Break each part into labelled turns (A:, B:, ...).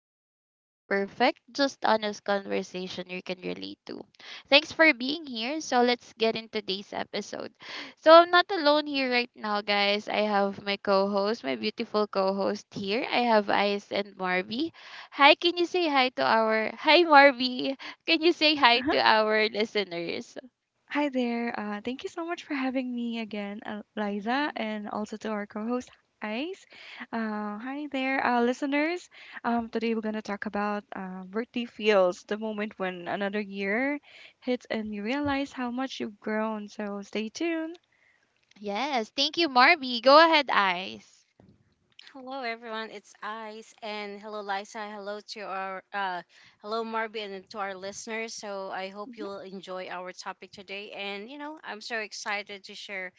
A: pressure to be perfect, just honest conversation you can relate to. Thanks for being here. So let's get into today's episode. So I'm not alone here right now, guys. I have my co-host, my beautiful co-host here. I have Ice and Marby. Hi, can you say hi to our Hi Marby? Can you say hi
B: Uh-huh.
A: to our listeners?
B: Hi there. Thank you so much for having me again, Liza,
A: Mm-hmm.
B: and also to our co-host, Ice. Hi there, listeners. Today we're gonna talk about birthday feels, the moment when another year hits and you realize how much you've grown. So stay tuned.
A: Yes. Thank you, Marby. Go ahead, Ice.
C: Hello everyone, it's Ice and hello Liza, hello to our hello Marby and to our listeners. So I hope you'll enjoy our topic today and you know, I'm so excited to share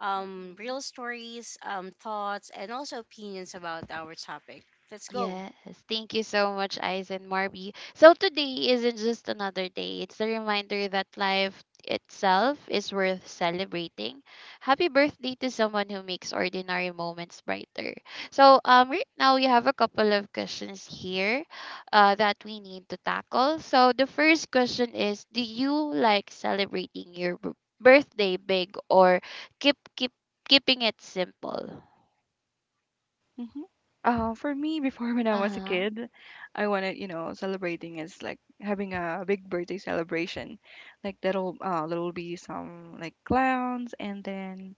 A: Mm-hmm.
C: real stories, thoughts and also opinions about our topic. Let's go.
A: Yes, thank you so much, Eyes and Marby. So today isn't just another day. It's a reminder that life itself is worth celebrating. Happy birthday to someone who makes ordinary moments brighter. So right now we have a couple of questions here that we need to tackle. So the first question is, do you like celebrating your birthday big or keep keep keeping it simple?
B: hmm for me, before when I was a
A: Uh-huh.
B: kid, I wanted, you know, celebrating is like having a big birthday celebration. Like that'll there'll be some like clowns and then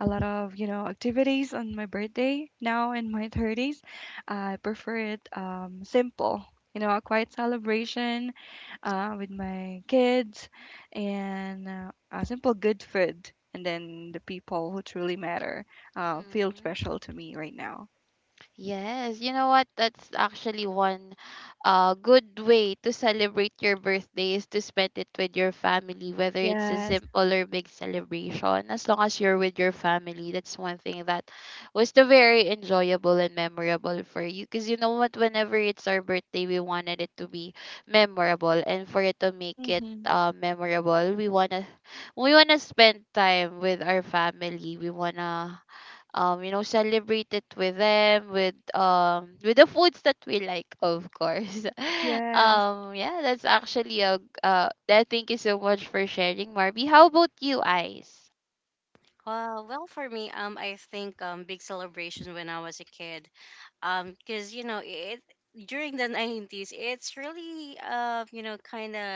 B: a lot of, you know, activities on my birthday. Now in my 30s, I prefer it simple. You know, a quiet celebration with my kids and a simple good food. And then the people who truly matter feel
A: Mm.
B: special to me right now.
A: Yes, you know what? That's actually one good way to celebrate your birthday, is to spend it with your family, whether it's a
B: Yes.
A: simple or big celebration. As long as you're with your family, that's one thing that was the very enjoyable and memorable for you. Because you know what? Whenever it's our birthday, we wanted it to be memorable, and for it to make it
B: Mhm.
A: memorable, we wanna spend time with our family. We wanna, celebrate it with them with the foods that we like, of course.
B: Yes.
A: Yeah, that's actually a g- that thank you so much for sharing, Marby. How about you, Eyes?
C: Well for me, I think big celebration when I was a kid. Because you know it during the nineties, it's really you know kind of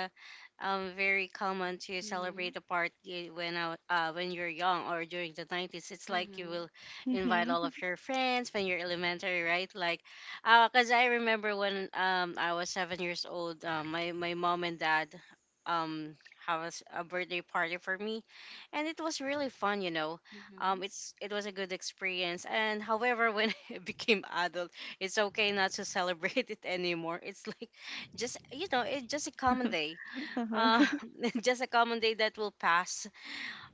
C: very common to celebrate
A: Mhm,
C: a party when you're young or during the nineties. It's like you
A: mhm,
C: will invite
B: Mhm.
C: all of your friends when you're elementary, right? Like, because I remember when I was 7 years old, um my mom and dad um have a birthday party for me and it was really fun you know.
A: mhm,
C: Um it's it was a good experience and however when I became adult it's okay not to celebrate it anymore. It's like just you know it's just a common day, uh
B: Uh-huh.
C: just a common day that will pass.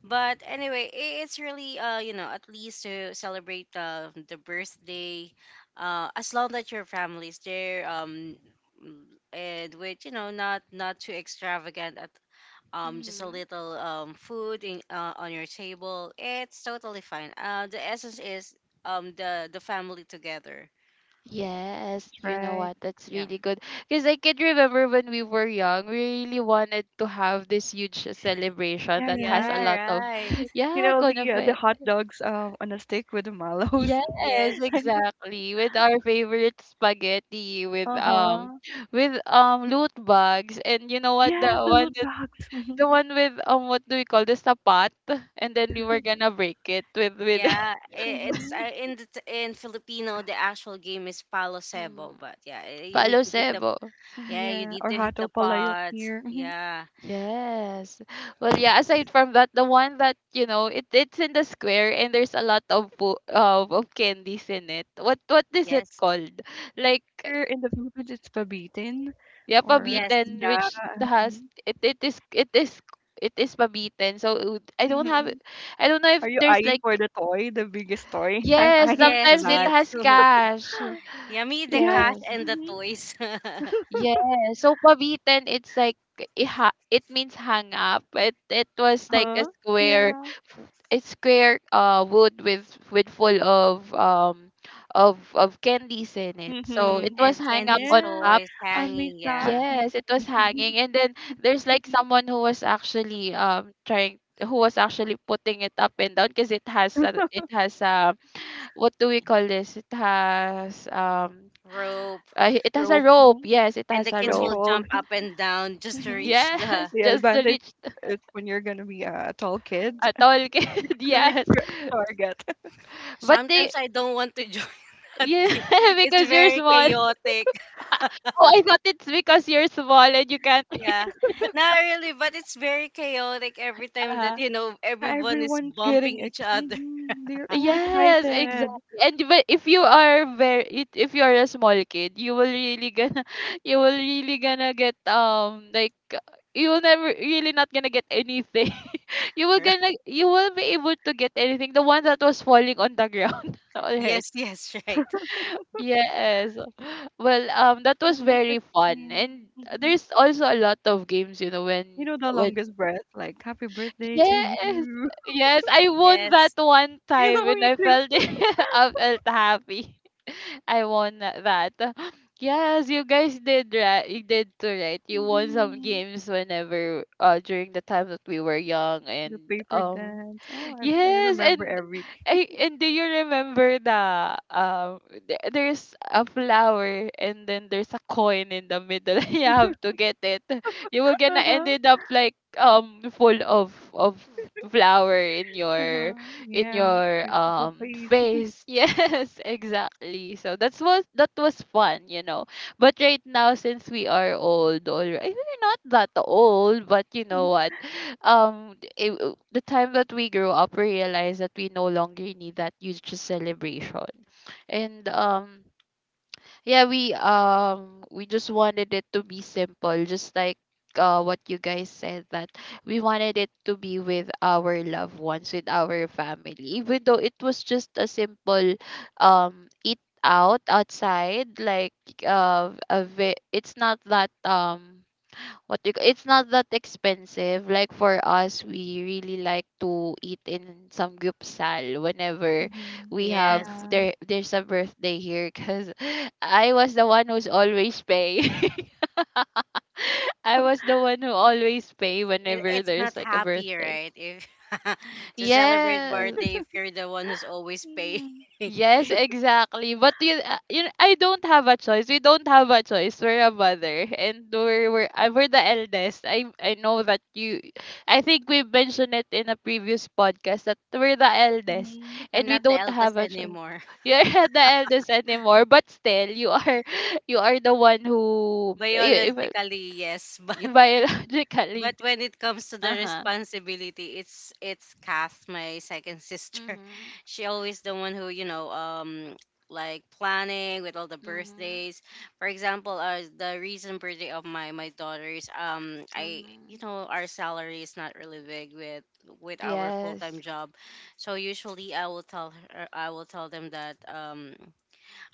C: But anyway it's really you know at least to celebrate the birthday as long that your family is there, mm, and with you know not too extravagant at just a
A: mhm.
C: little food on your table. It's totally fine. The essence is the family together.
A: Yes,
B: That's
A: you know
B: right.
A: what? That's
C: Yeah.
A: really good. Because I can remember when we were young, we really wanted to have this huge celebration
B: Yeah,
A: that has a
C: Yeah.
B: right.
A: lot of,
C: Right.
B: You
A: yeah,
B: know
A: kind of.
B: the hot dogs on a stick with the mallows.
A: Yes,
C: Yes.
A: exactly. With our favorite spaghetti, with
B: Uh-huh.
A: loot bags, and you know what?
B: Yes, the loot bags. Mhm.
A: The one with, what do we call this? A pot, and then we were gonna break it with
C: Yeah. It's
B: Mhm.
C: in Filipino the actual game is palo sebo,
A: Mhm.
C: but yeah, you need
A: Palo
C: to hit the,
A: Cebo.
C: yeah, you
B: Yeah,
C: need
B: or
C: to hit
B: hato
C: the
B: palayok
C: pot.
B: here. Mhm.
C: Yeah.
A: Yes. Well, yeah, aside from that, the one that, you know, it it's in the square and there's a lot of of candies in it. What is it
C: Yes.
A: called? Like
B: Here in the Philippines, it's pabitin,
A: Yeah,
B: or
C: Yes.
A: pabitin,
B: yeah.
A: which has
B: Mhm.
A: it is pabitin. So it would-
B: Mhm.
A: I don't know
B: Are
A: if
B: you
A: there's
B: eyeing
A: like,
B: for the toy, the biggest toy? I'm
A: yes,
B: eyeing for
C: Yes.
A: sometimes it
C: Me
B: that.
A: has
C: too.
A: cash.
C: Yeah. Me
B: Oh,
C: the
B: yes.
C: cash
A: Yes.
C: and the
B: Mhm.
C: toys.
A: Yes. So pabitin, it's like iha, it means hang up. It was like a
B: Uh-huh.
A: square,
B: Yeah.
A: wood with full of of candies in it. So it
B: Mhm.
A: was
C: And
A: hang up
C: candies,
A: on
B: Yeah,
A: top.
C: toys,
B: I miss
C: hanging,
B: that
C: yeah,
B: moment.
A: Yes, it was hanging.
B: Mhm.
A: And then
B: It,
A: there's like
B: mhm.
A: someone who was actually trying who was actually putting it up and down because it has, what do we call this? It has,
C: rope,
B: The
A: it has a
B: rope,
A: rope. Yes, it
C: and
A: has
C: the
B: the
A: a
C: kids will
A: rope.
B: control.
C: jump up and down just to
B: hmm
C: reach the.
A: Yes,
B: The
A: just to
B: advantage
A: reach
B: is when you're gonna be a tall kid,
A: a tall kid.
B: and which
A: Yes.
B: you're a target.
A: But they
C: Sometimes I don't want to join that
A: yeah
C: game. It's
A: because you're
C: very
A: small.
C: chaotic.
A: Oh, I thought it's because you're small and you can't.
C: Yeah. Not really, but it's very chaotic every time that
A: uh
C: you know
B: Yeah,
C: everyone is
B: everyone's
C: bumping
B: getting ex
C: each other.
B: hmm they're all
A: Yes,
B: excited.
A: exactly. And but if you are very if you are a small kid, you will really gonna you will really gonna get you will never really not gonna get anything.
C: Right?
A: You will be able to get anything. The one that was falling on the ground. Alright.
C: Yes, yes, right.
A: Yes. Well, that
B: I
A: was
B: miss the
A: very fun.
B: game.
A: And
B: hmm
A: there's also a lot of games, you know,
B: You know the
A: when
B: longest breath, like happy birthday to
A: Yes.
B: you.
A: Yes, I won that
C: Yes.
A: one
B: You
A: time
B: know
A: and
B: me
A: I
B: too.
A: felt I felt happy. I won that. Yes, you guys did, right? You did too, right? You won some
B: hmm
A: games whenever during the time that we were young
B: The
A: and
B: paper
A: um
B: dance. Oh, I
A: Yes,
B: remember
A: and
B: everything.
A: I and do you remember the there's a flower and then there's a coin in the middle? You have to get it. You will gonna
B: Uh-huh.
A: ended up like full of flower in your
B: Mhm, yeah, your full face.
A: face. Yes, exactly. So that's was that was fun, you know. But right now, since we are old already, we're not that old, but you know what? The time that we grew up, we realized that we no longer need that huge celebration, and we just wanted it to be simple, just like, what you guys said, that we wanted it to be with our loved ones, with our family, even though it was just a simple eat out outside, like, it's not that what do you, ca- it's not that expensive. Like for us, we really like to eat in some gyupsal whenever
B: Mhm,
A: we have
C: Yes.
B: yeah.
A: there. There's a birthday here, because I was the one who's always pay. I was the one who always pay
C: It,
A: whenever
C: it's
A: there's
C: not
A: like a
C: happy,
A: birthday.
C: right? If to celebrate
A: Yes,
C: birthday if you're the one who's always paying.
B: Mhm,
A: Yes, exactly. I don't have a choice. We don't have a choice. We're a mother, and we're the eldest. I know that you. I think we mentioned it in a previous podcast that we're the eldest,
B: mhm,
A: and
C: I'm
A: we
C: not the
A: don't have
C: eldest
A: a choice.
C: anymore.
A: You're not the eldest anymore, but still, you are you are the one who
C: Biologically, yes, but
A: biologically.
C: when it comes to the
A: Uh huh.
C: responsibility, it's Kath, my second sister.
A: Mhm.
C: She always the one who you know like planning with all the
A: Mhm.
C: birthdays. For example, the recent birthday of my daughters, I you
A: Mhm.
C: know our salary is not really big with our full time
A: Yes.
C: job, so usually I will tell her, I will tell them that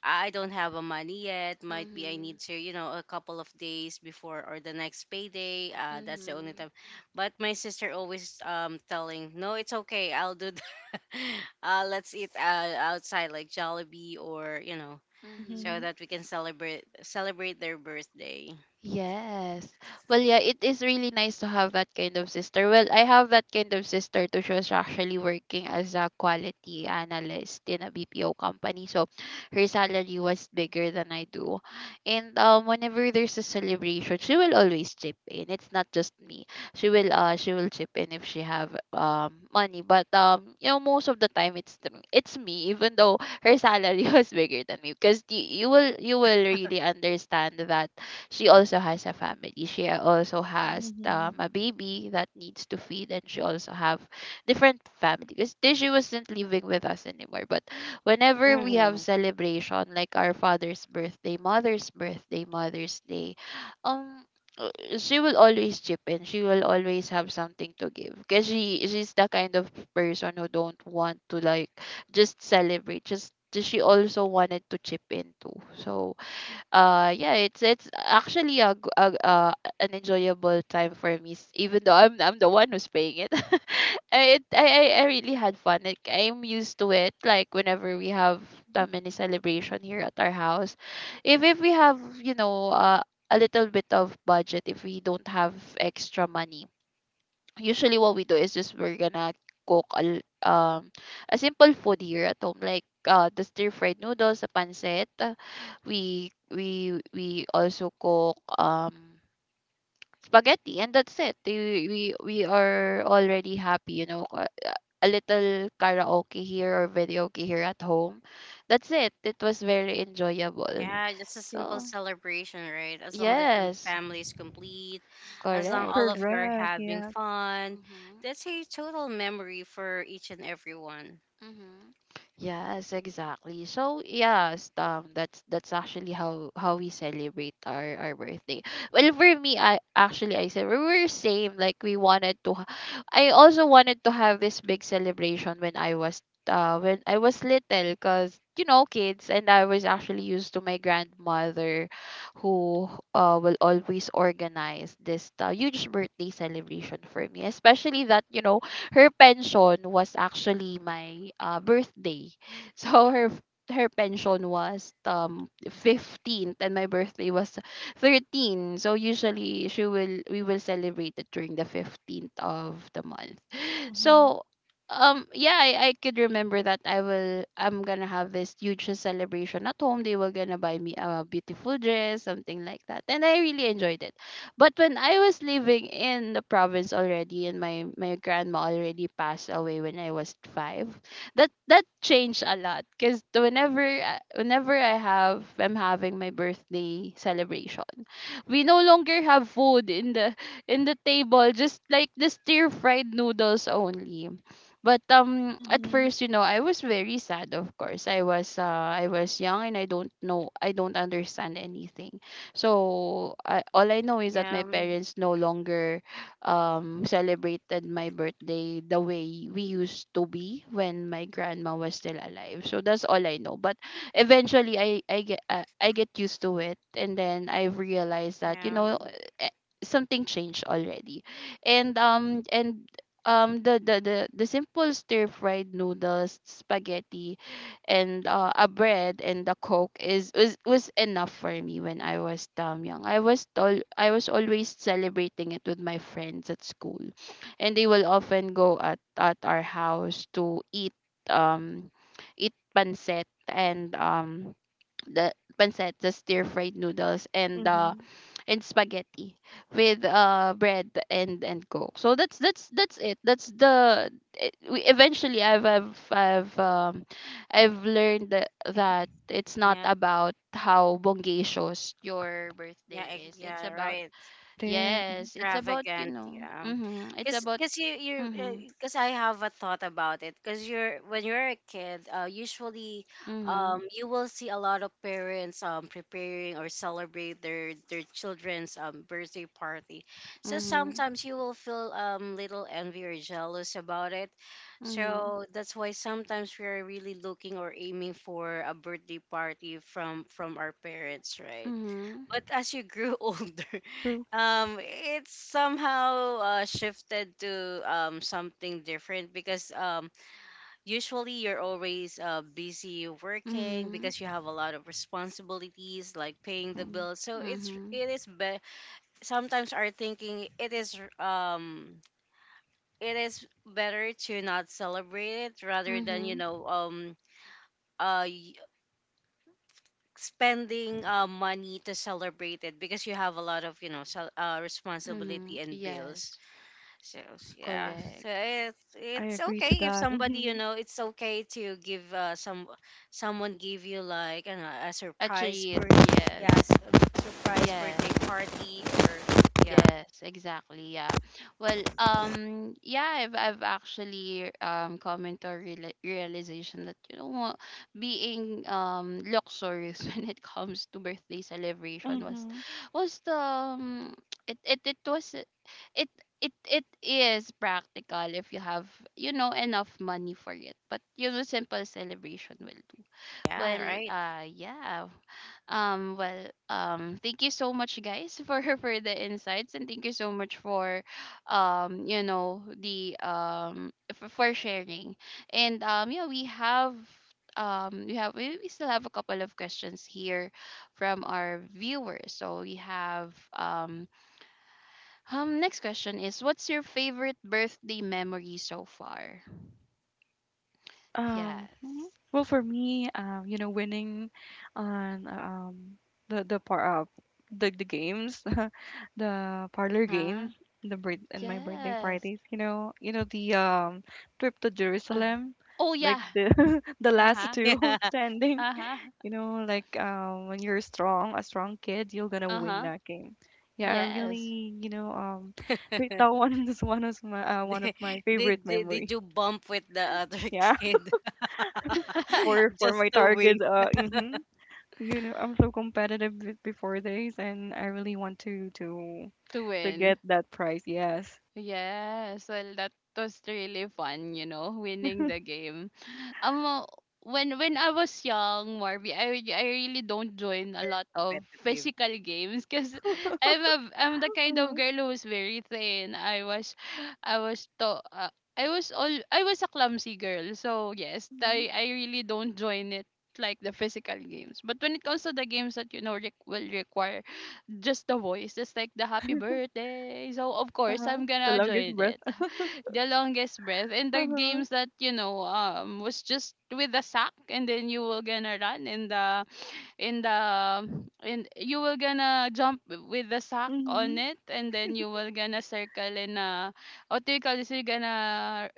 C: I don't have a money yet. Might be I need
A: Mhm.
C: to, you know, a couple of days before or the next payday. That's the only
A: Mhm.
C: time. But my sister always telling, no, it's okay. I'll do that. Uh, let's eat outside like Jollibee or you know, so
B: mhm,
A: Mhm.
C: that we can celebrate their birthday.
A: Yes. Well, yeah, it is really nice to have that kind of sister. Well, I have that kind of sister too. She was actually working as a quality analyst in a BPO company. So her salary was bigger than I do. And whenever there's a celebration, she will always chip in. It's not just me. She will chip in if she have money. But you know, most of the time it's it's me, even though her salary was bigger than me. Because you will really understand that she also has a family. She also has,
B: mhm.
A: a baby that needs to feed, and she also have different family because she wasn't living with us anymore. But whenever we have
C: hmm
A: celebration, like our father's birthday, Mother's Day, um, uh, she will always chip in. She will always have something to give, because she's the kind of person who don't want to like just celebrate. Just she also wanted to chip in too. So yeah, it's actually a, g- a- an enjoyable time for me, even though I'm the one who's paying it. I- it I really had fun. Like, I'm used to it. Like whenever we have family celebration here at our house, if we have, you know, a little bit of budget, if we don't have extra money, usually what we do is just we're gonna cook um a simple food here at home, like, the stir fried noodles, the pancit, we also cook spaghetti, and that's it. We are already happy, you know, a little karaoke here or video here at home. That's it, it was very enjoyable.
C: Yeah, just a simple
A: So
C: celebration, right? As long that your
A: yes,
C: family is complete, as long all
A: correct.
C: of you are
B: Correct,
C: having
B: yeah.
C: fun,
A: Mm-hmm.
C: that's a total memory for each and everyone.
A: Mm-hmm. Yes, exactly. So yes, that's actually how we celebrate our birthday. Well, for me, I actually I said we were same. Like, we wanted to, I also wanted to have this big celebration when I was little, cause you know kids, and I was actually used to my grandmother, who will always organize this huge birthday celebration for me, especially that, you know, her pension was actually my birthday. So her pension was 15th and my birthday was 13th. So usually, she will we will celebrate it during the 15th of the month.
B: Mhm,
A: So yeah, I could remember that I'm gonna have this huge celebration at home. They were gonna buy me a beautiful dress, something like that. And I really enjoyed it. But when I was living in the province already and my grandma already passed away when I was 5, that changed a lot, cuz whenever I'm having my birthday celebration, we no longer have food in the table, just like the stir fried noodles only. But at
B: mhm,
A: first, you know, I was very sad, of course. I was young and I don't understand anything. So all I know is that
C: Yeah,
A: my parents no longer, celebrated my birthday the way we used to be when my grandma was still alive. So that's all I know. But eventually, I get I get used to it, and then I realized that
C: yeah,
A: eh, something changed already, and the simple stir fried noodles spaghetti and a bread and a coke was enough for me when I was damn young. I was always celebrating it with my friends at school, and they will often go at our house to eat um eat pancit and the pancit the stir fried noodles
B: mhm.
A: and spaghetti with bread and coke. So that's it. That's the it, we eventually I've learned that it's not
C: yep,
A: about how bongacious your
C: yeah,
A: birthday is. It's
C: yeah,
A: about
C: right.
B: It is
A: yes, it's about
C: Extravagant, yeah.
A: Mhm. It's
C: because
A: about
C: because you you
A: mhm.
C: because I have a thought about it because you're when you're a kid, usually
A: Mhm.
C: you will see a lot of parents preparing or celebrate their children's birthday party, so
A: Mhm.
C: sometimes you will feel little envy or jealous about it.
A: Mhm.
C: So that's why sometimes we are really looking or aiming for a birthday party from our parents, right?
A: Mhm.
C: But as you grew older,
B: true.
C: it somehow shifted to something different because usually you're always busy working
A: Mhm.
C: because you have a lot of responsibilities like paying the
B: Mhm.
C: bills. So it's
A: Mhm.
C: it is be- sometimes our thinking, it is better to not celebrate it rather than you
A: Mhm.
C: know uh spending money to celebrate it because you have a lot of you know responsibility
A: Mhm.
C: and bills.
A: Yes.
C: Yeah, so
A: Correct.
B: I
C: it's
B: agree to
C: okay if
B: that.
C: somebody, you
B: Mhm,
C: know, it's okay to give some, someone give you like, you know, a
A: A
C: surprise
A: treat,
C: birth yes,
A: yes.
C: a surprise birthday
A: Yes.
C: party or yeah.
A: Yes, exactly. Yeah. Well, yeah, I've actually come into a realization that you know what being luxurious when it comes to birthday celebration
B: mhm.
A: was the it, it it was it it it is practical if you have you know enough money for it. But you know simple celebration will do.
C: Yeah,
A: Well,
C: right.
A: yeah. Well, thank you so much, guys, for the insights, and thank you so much for, you know, the for sharing. And yeah, we have we still have a couple of questions here from our viewers. So we have next question is, what's your favorite birthday memory so far?
B: Mhm.
A: Yes.
B: Well, for me, you know, winning on the the par uh, the games, the
A: Uh
B: parlor
A: huh.
B: games, the birth and my birthday
A: Yes.
B: parties. You know the trip to
A: Uh.
B: Jerusalem,
A: Oh
B: like
A: yeah.
B: the the last
A: Uh-huh.
B: two
C: Yeah.
B: standing.
A: Uh-huh.
B: You know, like when you're strong, a strong kid, you're gonna win
A: Uh-huh.
B: that game. Yeah, I
A: Yes.
B: really, you know, that one is one of my
C: Did,
B: favorite
C: did
B: memory.
C: you bump with the other
B: Yeah.
C: kid
B: For
C: just
B: my
C: to win
B: target mhm. You know I'm so competitive before this and I really want
A: To
B: to get
A: win.
B: that prize. Yes.
A: Yes, well, that was really fun, you know, winning the game. Um, uh, when I was young, Marby, I really don't join a lot of
C: competitive?
A: physical games because I'm a I'm the kind of
B: Uh-huh.
A: girl who's very thin. I was to I was all I was a clumsy girl, so yes,
B: Mhm,
A: I really don't join it like the physical games. But when it comes to the games that you know will require just the voice, just like the happy birthday. So of course
B: uh-huh.
A: I'm
B: The
A: gonna
B: longest
A: join
B: breath.
A: it. The longest breath and the
B: Uh-huh.
A: games that you know was just with the sack and then you will gonna run in the and you will gonna jump with the sack on
B: Mm-hmm.
A: it and then you will gonna circle in a, what do you call this? You're gonna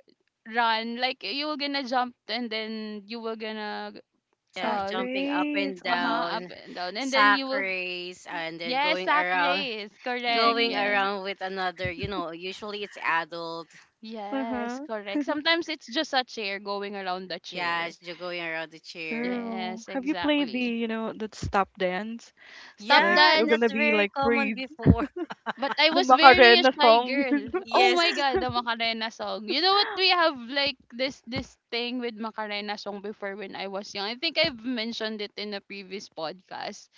A: run, like you will gonna jump and then you will gonna
B: The
C: Yeah,
B: sack
A: uh
C: jumping up and
B: race.
A: uh
B: Uh-huh.
A: huh up
C: down,
A: and down and then
C: sack
A: you will.
C: race, and then
A: Yes, sack race. Correct.
C: going
A: Yes.
B: Mm-hmm.
C: around with another. You know, usually it's adult.
A: Yes,
B: Uh-huh.
A: correct. Sometimes it's just a chair, going around the
C: Yeah,
A: chair.
C: going around the chair.
B: True.
A: Yes,
B: Have you played the,
A: exactly.
B: you know, the stop dance,
A: Stop
B: like
C: Yeah,
B: you're
A: dance.
B: gonna
C: that's
B: be
C: very
B: like
C: common
B: freeze,
C: before.
A: But I
B: the
A: was very a
B: Macarena
A: shy
B: song?
A: girl. Oh my
C: Yes.
A: God, the Macarena song. You know what? We have like this thing with Macarena song before when I was young. I think I've mentioned it in a previous podcast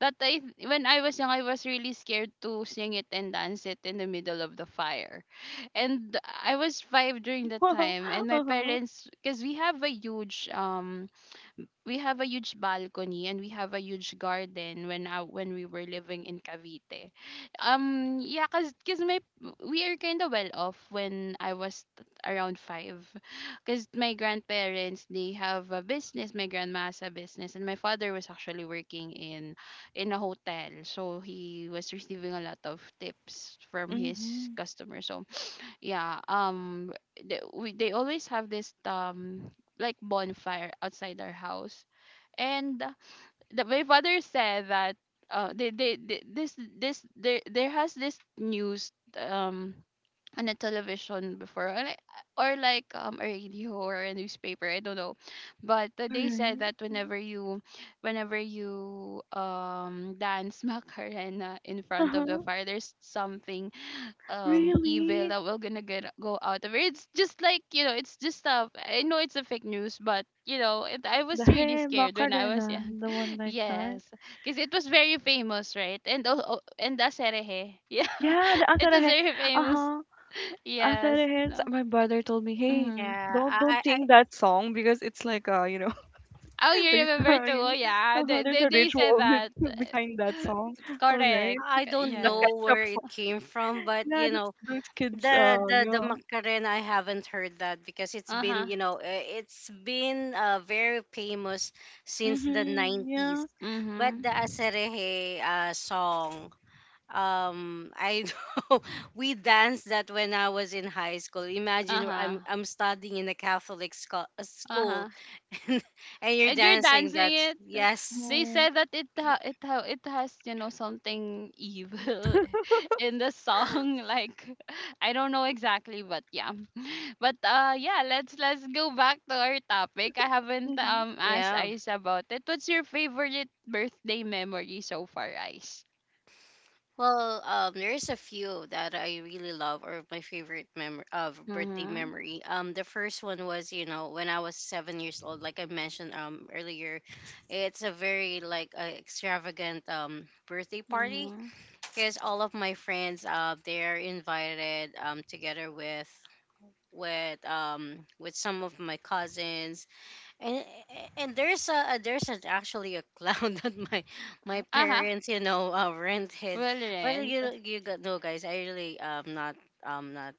A: that I, when I was young I was really scared to sing it and dance it in the middle of the fire, and I was five during that
B: know
A: time, and my
B: uh-huh.
A: parents, because we have a huge we have a huge balcony and we have a huge garden when when we were living in Cavite. Yeah, cuz my, we are kind of well off when I was around 5 cuz my grandparents they have a business, my grandma has a business and my father was actually working in a hotel. So he was receiving a lot of tips from his
B: Mm-hmm.
A: customers. So yeah, they always have this like bonfire outside our house, and my father said that they this this there there has this news um on the television before, or like a radio or a newspaper, I don't know, but
B: All
A: they said
B: right.
A: that whenever you dance Macarena in front of the
B: Uh-huh.
A: fire, there's something evil
B: Really?
A: that we're gonna get go out of it. It's just like you know, it's just stuff. I know it's a fake news, but you know, it, I
B: The
A: was really
B: hey,
A: scared when I was
B: Macarena,
A: young.
B: the one like that.
A: Yes, because it was very famous, right? And oh, oh and that's herehe. Yeah,
B: Yeah, the
A: it was
B: Asarehe.
A: very famous.
B: Uh-huh.
A: Yes.
B: Asarehe.
A: No.
B: My brother told me, "Hey,
A: Hmm.
C: Yeah,
B: don't sing that song because it's like you know,
A: Oh, you
B: there's
A: remember
B: a,
A: too?
B: you
A: Oh,
B: know,
A: yeah.
B: uh-huh,
A: They
B: there's
A: they,
B: a
A: they said
B: ritual
A: that.
B: with- behind that song." All
A: Correct.
B: right.
C: I don't
B: The
A: Yes.
C: know
B: ketchup
C: where it
B: song.
C: came from, but
B: Yeah,
C: you know,
B: that's those kids
C: the
B: yeah.
C: Macarena, I haven't heard that because it's
A: Uh huh.
C: been, you know, it's been very famous since the
B: Mhm.
C: 90s.
B: Yeah.
C: But
A: Mhm.
C: the Asereje song, I know we danced that when I was in high school.
A: Uh
C: Imagine
A: huh.
C: I'm studying in a Catholic
A: Uh
C: school
A: huh.
C: and you're
A: And you're
C: dancing
A: dancing
C: that.
A: it.
C: Yes.
A: They
B: Mhm.
A: said that it has you know something evil in the song. Like, I don't know exactly, but yeah. But yeah. Let's go back to our topic. I haven't
B: Mhm.
A: asked
C: Yeah.
A: Ice about it. What's your favorite birthday memory so far, Ice?
C: Well, there's a few that I really love or my favorite mem of birthday
A: Mhm.
C: memory. The first one was, you know, when I was 7 years old, like I mentioned earlier. It's a very like extravagant birthday party
A: Mhm.
C: because all of my friends they're invited together with some of my cousins and and there's a actually a clown that my
A: Uh huh.
C: parents you know rented.
A: Well,
C: But
A: rent.
C: you got no guys. I really not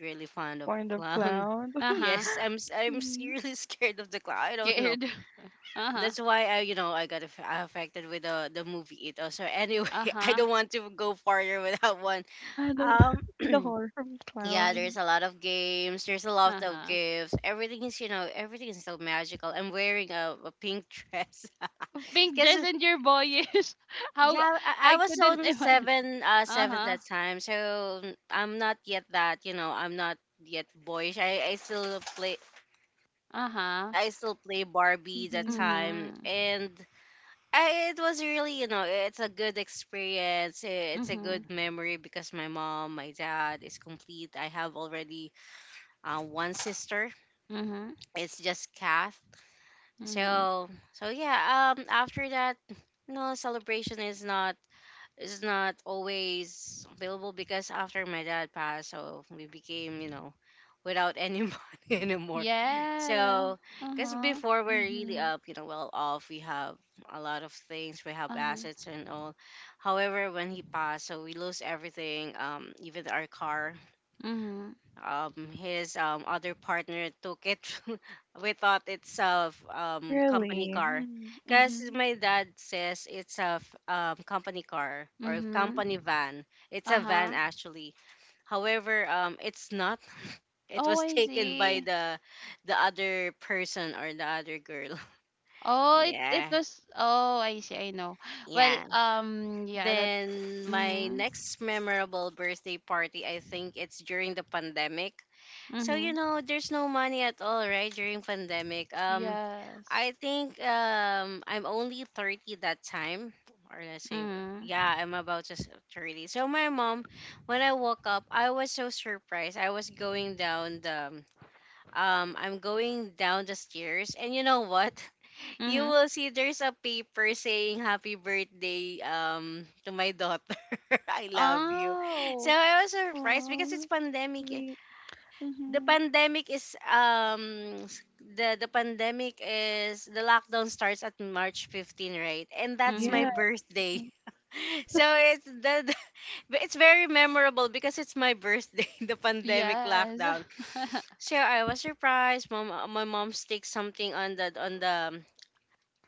C: really fond of
B: Point of
C: clown.
B: clown.
A: Uh huh.
C: Yes,
B: Mhm.
C: really scared of the clown. I don't know.
A: Scared. Uh huh.
C: That's why I you know I got affected with the movie it. So anyway,
A: Uh
C: I
A: huh.
C: don't want to go farther without one.
B: Yeah, the
C: Um.
B: the horror from
C: Yeah, there's
B: clown.
C: a lot of games, there's a
A: Uh
C: lot of
A: huh.
C: gifts, everything is you know everything is so magical. I'm wearing a pink dress
A: Pink
C: because
A: dress and you're boyish. How.
C: yeah,
A: I
C: I was
A: couldn't
C: only
A: imagine.
C: seven, uh
A: Uh
C: seven
A: huh.
C: that time, so I'm not yet that you know I'm not yet boyish. I still play,
A: Uh huh.
C: I still play Barbie that
B: Mhm.
C: time.
A: Mhm.
C: And I, it was really you know it's a good experience it's a
A: Mhm.
C: good memory because my mom my dad is complete. I have already one sister,
A: Mhm.
C: it's just Cast.
A: Mhm.
C: So so yeah, after that, no celebration is not, is not always available because after my dad passed, so we became, you know, without any money anymore.
A: Yeah.
C: So
A: Uh
C: because
A: huh.
C: before we're really
B: Mhm.
C: up, you know, well off, we have a lot of things, we
A: Uh
C: have
A: huh.
C: assets and all. However, when he passed, so we lose everything, even our car,
A: Mhm.
C: his other partner took it. We thought it's a company
B: Really?
C: car
B: Mm,
C: because
B: mhm.
C: my dad says it's a company car or a
A: Mhm.
C: company van. It's
A: Uh
C: a van
A: huh.
C: actually, however it's not, it
A: Oh,
C: was
A: I
C: taken by
A: see.
C: the other person or the other girl.
A: Oh, it
C: Yeah.
A: was. Oh, I see. I know. Well,
C: Yeah.
A: yeah. That.
C: Then my
A: Mhm.
C: next memorable birthday party, I think it's during the pandemic. So you
A: Mhm.
C: know, there's no money at all, right? During pandemic.
A: Yes.
C: I think I'm only 30 that time, or let's say,
A: Mhm.
C: yeah, I'm about to 30. So my mom, when I woke up, I was so surprised. I was going down the, I'm going down the stairs, and you know what? You
A: Mhm.
C: will see there's a paper saying "Happy Birthday to my daughter. I love you." So
A: Oh.
C: I was surprised
B: Aw,
C: because it's
B: that's
C: pandemic.
B: sweet. Mhm.
C: The pandemic is the lockdown starts at March 15, right? And that's my
B: Yeah.
A: Mhm.
C: birthday.
B: Mm.
C: So it's the it's very memorable because it's my birthday, the pandemic
A: Yes.
C: lockdown. So I was surprised. Mom, my mom staked something on the on the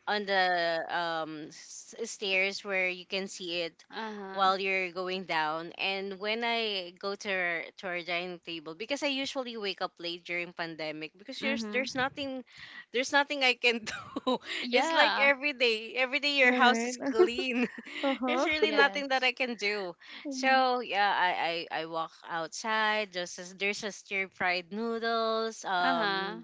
C: on the um s- stairs where you can see it
A: Uh-huh.
C: while you're going down. And when I go to to our dining table, because I usually wake up late during pandemic because there's
A: Mhm.
C: there's nothing there's nothing I can do. It's like
A: Yeah.
C: every day, every day
B: You
C: your house
B: alright?
C: is clean. There's
B: Uh-huh.
C: really nothing that
A: Yes.
C: I can do.
B: Mhm.
C: So yeah, I walk outside just as there's a stir fried noodles,
A: Uh-huh.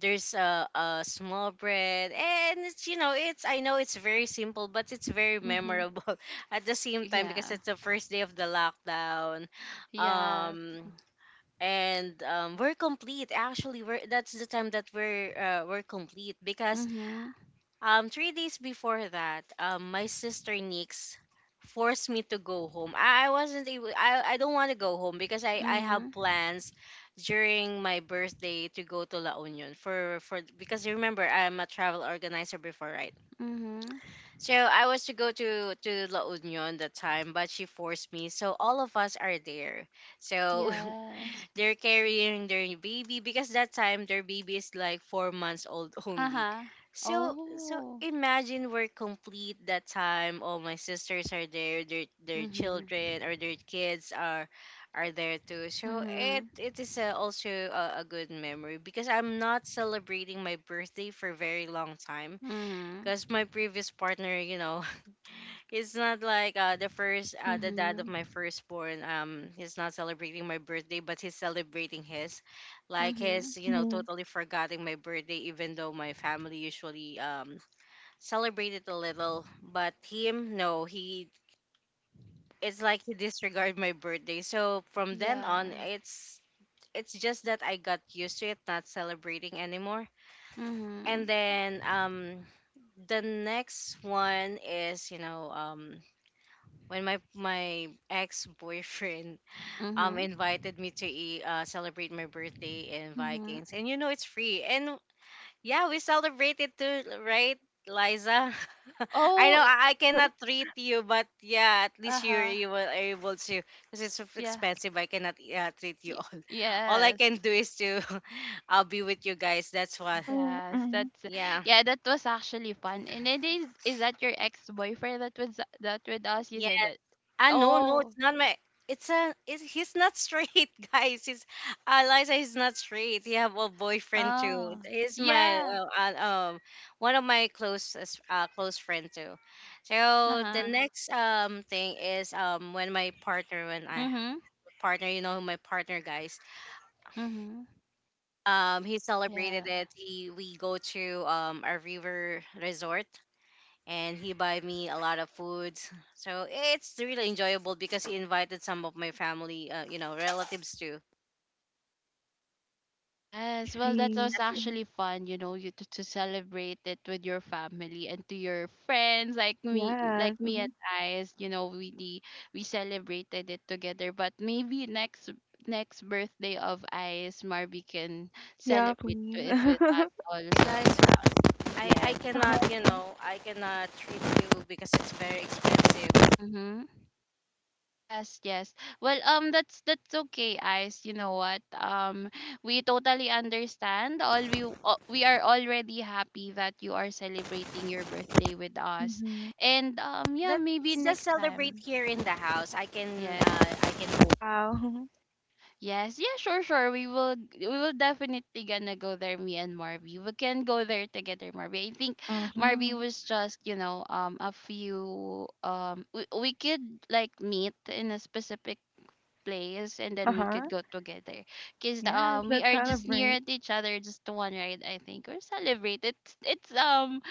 C: there's a small bread and it's you know it's, I know it's very simple but it's very
A: Mhm.
C: memorable at the same time because
A: Yeah.
C: it's the first day of the lockdown.
A: Yes.
C: Um and We're complete actually, we're that's the time that we're complete because
A: Mhm.
C: 3 days before that, my sister Nix forced me to go home. I wasn't able. I don't want to go home because I have
A: Mhm.
C: plans during my birthday to go to La Union for because remember I'm a travel organizer before, right?
A: Mhm.
C: So I was to go to La Union that time, but she forced me. So all of us are there. So
A: Yes.
C: they're carrying their baby because that time their baby is like 4 months old only.
A: Uh-huh.
C: So
A: Oh.
C: imagine we're complete that time. All my sisters are there. Their
A: Mhm.
C: children or their kids are there too. So it
A: Mhm.
C: it is also a good memory because I'm not celebrating my birthday for very long time
A: Mhm.
C: because my previous partner, it's not like the dad of
A: Mhm.
C: my firstborn. He's not celebrating my birthday, but he's celebrating his, like
A: Mhm.
C: his,
B: Mhm.
C: totally forgetting my birthday. Even though my family usually celebrate it a little, but him, no, he. It's like he disregard my birthday. So from then
A: Yeah.
C: on, it's just that I got used to it, not celebrating anymore.
A: Mhm.
C: And then the next one is when my ex boyfriend
A: Mhm.
C: invited me to eat, celebrate my birthday in
A: Mhm.
C: Vikings, and you know it's free, and yeah, we celebrated too, right, Liza? I
A: Oh.
C: know
A: I-
C: I cannot treat you, but yeah, at least you're
A: Uh-huh.
C: you were able to because it's so
A: Yeah.
C: expensive. I cannot treat you
A: Y-
C: all. All I
A: yes.
C: can do is to I'll be with you guys. That's what.
B: Mm,
A: Yes,
B: mm.
A: that's
C: Yeah.
A: yeah, that was actually fun. And it is that your ex-boyfriend that was that with us? You
C: Yeah.
A: said that.
C: Ah, no, no,
A: Oh.
C: it's not my. It's a. It's, he's not straight, guys. He's Liza is not straight. He have a boyfriend too.
A: Oh.
C: He's my
A: Yeah.
C: uh, um one of my closest close friend too. So the
A: Uh-huh.
C: next thing is when my partner when I
A: Mm-hmm.
C: partner you know my partner guys
A: Mm-hmm.
C: he
A: Yeah.
C: celebrated it. He we go to a river resort and he buy me a lot of foods. So it's really enjoyable because he invited some of my family, you know, relatives too.
B: I
A: Yes, well, that was
B: see.
C: That's it.
B: Mhm.
A: actually fun, you know, you to celebrate it with your family and to your friends, like
B: Yes.
A: me and
B: Mhm.
A: I, you know, we celebrated it together. But maybe next, next birthday of Ice, Marby can
B: Yeah,
A: celebrate to
B: please.
A: it with us also.
C: Guys,
A: Yeah.
C: I
A: Yes,
B: Uh-huh.
C: cannot, you
A: exactly.
C: know, I cannot treat you because it's very expensive.
A: Mm-hmm. Yes, yes. Well, that's okay, Ice. You know what? We totally understand. All we are already happy that you are celebrating your birthday with us,
B: Mhm.
A: and yeah,
C: Let's
A: maybe
C: just
A: next
C: celebrate
A: time.
C: here in the house.
A: Yes,
C: I can cook.
B: Wow.
A: yes, yeah, sure, sure. We will definitely gonna go there. Me and Marvy, we can go there together, Marvy. I think Marvy
B: Mhm.
A: was just you know a few we could like meet in a specific place and then we
B: Uh-huh.
A: could go together because
B: Yes,
A: we
B: let's
A: are just near
B: celebrate.
A: at each other, just one ride I think, or celebrate,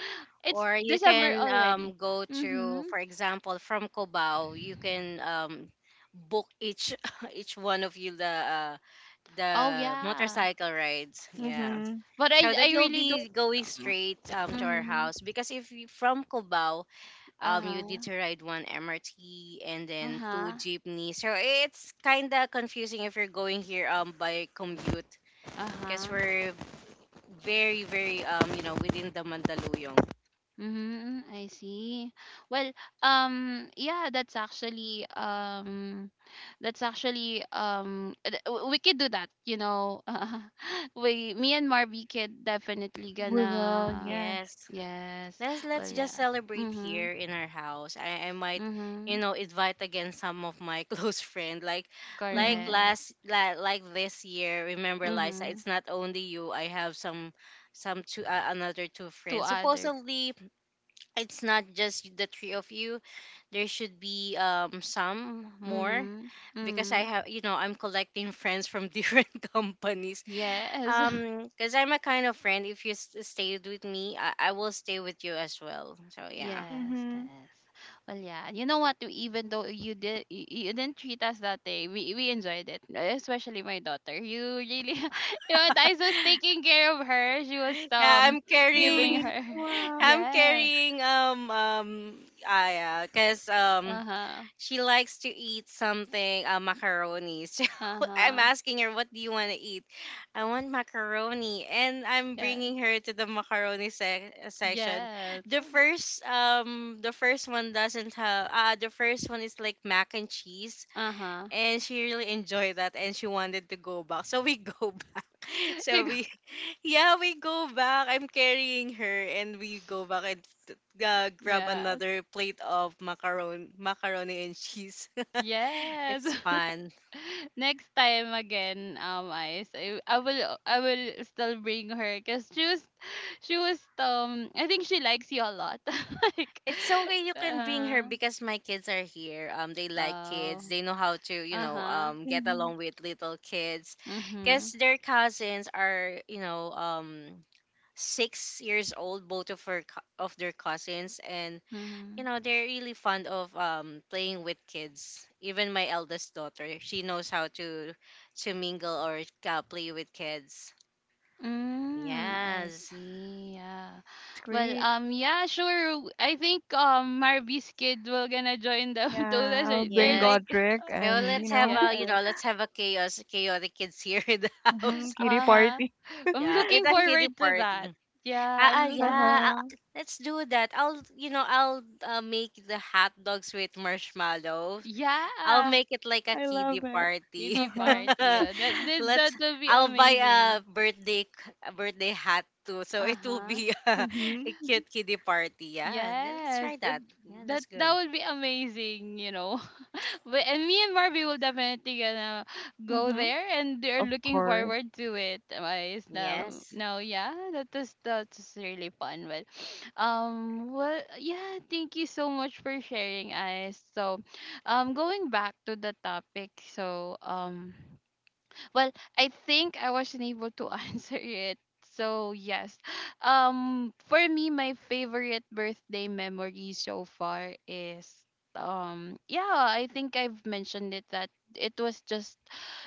A: it's
C: Or you
A: december
C: can
A: already.
C: go to,
A: Mm-hmm.
C: for example, from Cubao, you can book each each one of you the
A: Oh yeah.
C: motorcycle rides. Yeah.
B: Mhm.
A: But i
C: So that
A: i
C: you'll
A: really
C: be
A: don't.
C: going
A: um,
C: straight to our house
A: mhm.
C: because if you from Cubao, you need
A: Uh-huh.
C: to ride one MRT and then two
A: Uh-huh.
C: jeepney. So it's kind of confusing if you're going here by commute because
A: Uh-huh.
C: we're very very you know within the Mandaluyong.
A: Mm-hmm, mm, I see. Well, yeah, that's actually we could do that, you know. Me and Marby could definitely
B: We will,
A: gonna,
B: yes.
C: Yes.
A: yes.
C: Let's
A: Well,
C: just
A: yeah.
C: celebrate
A: Mm-hmm.
C: here in our house. I might,
A: Mm-hmm.
C: you know, invite again some of my close friend. Like
B: Mhm.
A: Correct.
C: last like this year, remember Liza,
A: Mm-hmm.
C: it's not only you. I have some two another two
A: To
C: friends.
A: other.
C: Supposedly it's not just the three of you. There should be some more
A: Mm-hmm.
C: because I
A: Mm-hmm.
C: have you know, I'm collecting friends from different companies.
A: Yes.
C: Because I'm a kind of friend. If you s- stayed with me, I will stay with you as well. So yeah,
A: Yes,
B: Mhm.
A: yes. Well, yeah. You know what? Even though you, you didn't treat us that day, we enjoyed it. Especially my daughter. You really, you know, what, I was taking care of her. She was
C: yeah. I'm carrying.
A: giving
B: Really?
A: her.
B: Wow.
C: I'm
A: Yes.
C: carrying. Ah, yeah. Because
A: Uh huh.
C: she likes to eat something. Macaroni.
A: Uh
C: So I'm
A: huh.
C: asking her, what do you want to eat? I want macaroni, and I'm
A: Yes.
C: bringing her to the macaroni sec- section.
A: Yes.
C: The first one doesn't have. The first one is like mac and cheese
A: Uh huh.
C: and she really enjoyed that and she wanted to go back so we go back so we yeah we go back, I'm carrying her and we go back and grab
A: Yes.
C: another plate of macaroni and cheese.
A: Yes.
C: It's fun.
A: Next time again, Ice, I will still bring her because she was I think she likes you a lot. Like,
C: It's so okay, you can bring her
A: uh,
C: because my kids are here, they like
A: oh,
C: kids, they know how to, you
A: uh
C: know,
A: huh,
C: get
B: Mhm.
C: along with little kids because
A: mhm,
C: their cousins are, you know, 6 years old, both of her of their cousins. And you
A: mhm.
C: know they're really fond of playing with kids. Even my eldest daughter, she knows how to mingle or play with kids.
A: Mm, I
C: Yes.
A: see. Yeah.
B: That's
A: Well,
B: great.
A: yeah, sure. I think Marby's kid will gonna join them too.
B: Yeah,
A: That's-
B: I'll
A: a-
B: bring
A: They're
C: Yes.
A: like,
B: Godric
C: So
B: and, you
C: let's have
B: know,
C: a, you
A: yes.
C: know, let's have a chaos chaotic kids here in the
B: mhm,
C: house.
B: kitty
A: Uh-huh.
B: party.
A: I'm
C: Yeah, it's
A: looking
C: a kiddie
A: forward to
C: party.
A: that. Yeah,
C: ah
A: I'm
C: uh, yeah
A: looking.
C: uh,
B: Uh-huh.
C: let's do that. I'll, you know, I'll make the hot dogs with marshmallow. I'll
A: Yeah,
C: make it like a
B: I
C: kiddie
B: love it.
C: party.
A: kiddie
B: Uh-huh.
A: party. That that
C: Let's.
A: that will be
C: I'll buy a
A: amazing.
C: a birthday hat too, so
A: Uh
C: it will
A: huh.
C: be
B: Mm-hmm.
C: cute kiddie party. Yeah, yeah, let's
A: Yes,
C: try that. Yeah,
A: that
C: that's
A: that
C: good.
A: would be amazing. You know, but and me and Marby will definitely gonna go
B: Mm-hmm.
A: there, and they're
B: Of
A: looking
B: course.
A: forward to it. Guys,
C: Yes,
A: no, yeah, that was really fun. But well, yeah, thank you so much for sharing, guys. So, going back to the topic, so. Well, I think I wasn't able to answer it. So yes. For me my favorite birthday memory so far is yeah, I think I've mentioned it that it was just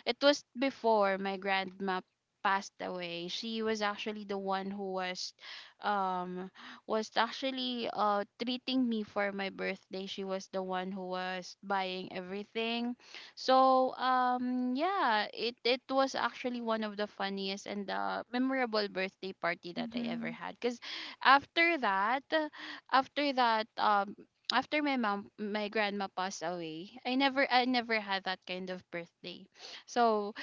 A: it was before my grandma passed away. She was actually the one who was um actually treating me for my birthday. She was the one who was buying everything. So yeah, it was actually one of the funniest and memorable birthday party that I ever
B: Mm-hmm.
A: had. Cause after that, after that after my mom my grandma passed away, I never had that kind of birthday. So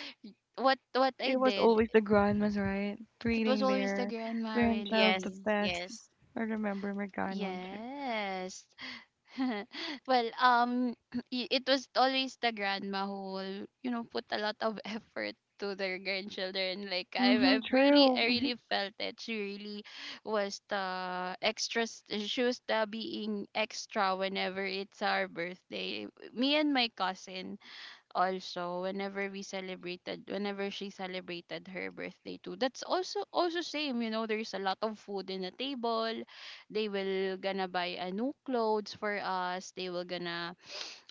A: what I
B: It was
A: did,
B: always the grandmas, right?
A: it was
B: Treating
A: always the
B: their
A: grandma
C: yes,
B: grandchild the
A: really.
B: best.
C: yes,
B: I remember my grandmom too.
A: Yes. Well, it was always the grandma who will, you know, put a lot of effort to their grandchildren. Like I've,
B: Mm-hmm.
A: I've really, I
B: True. Mm-hmm.
A: really felt that she really was the extra. She was the being extra whenever it's our birthday. Me and my cousin, also whenever she celebrated her birthday too. That's also same, you know, there's a lot of food in the table. They will gonna buy a new clothes for us, they will gonna,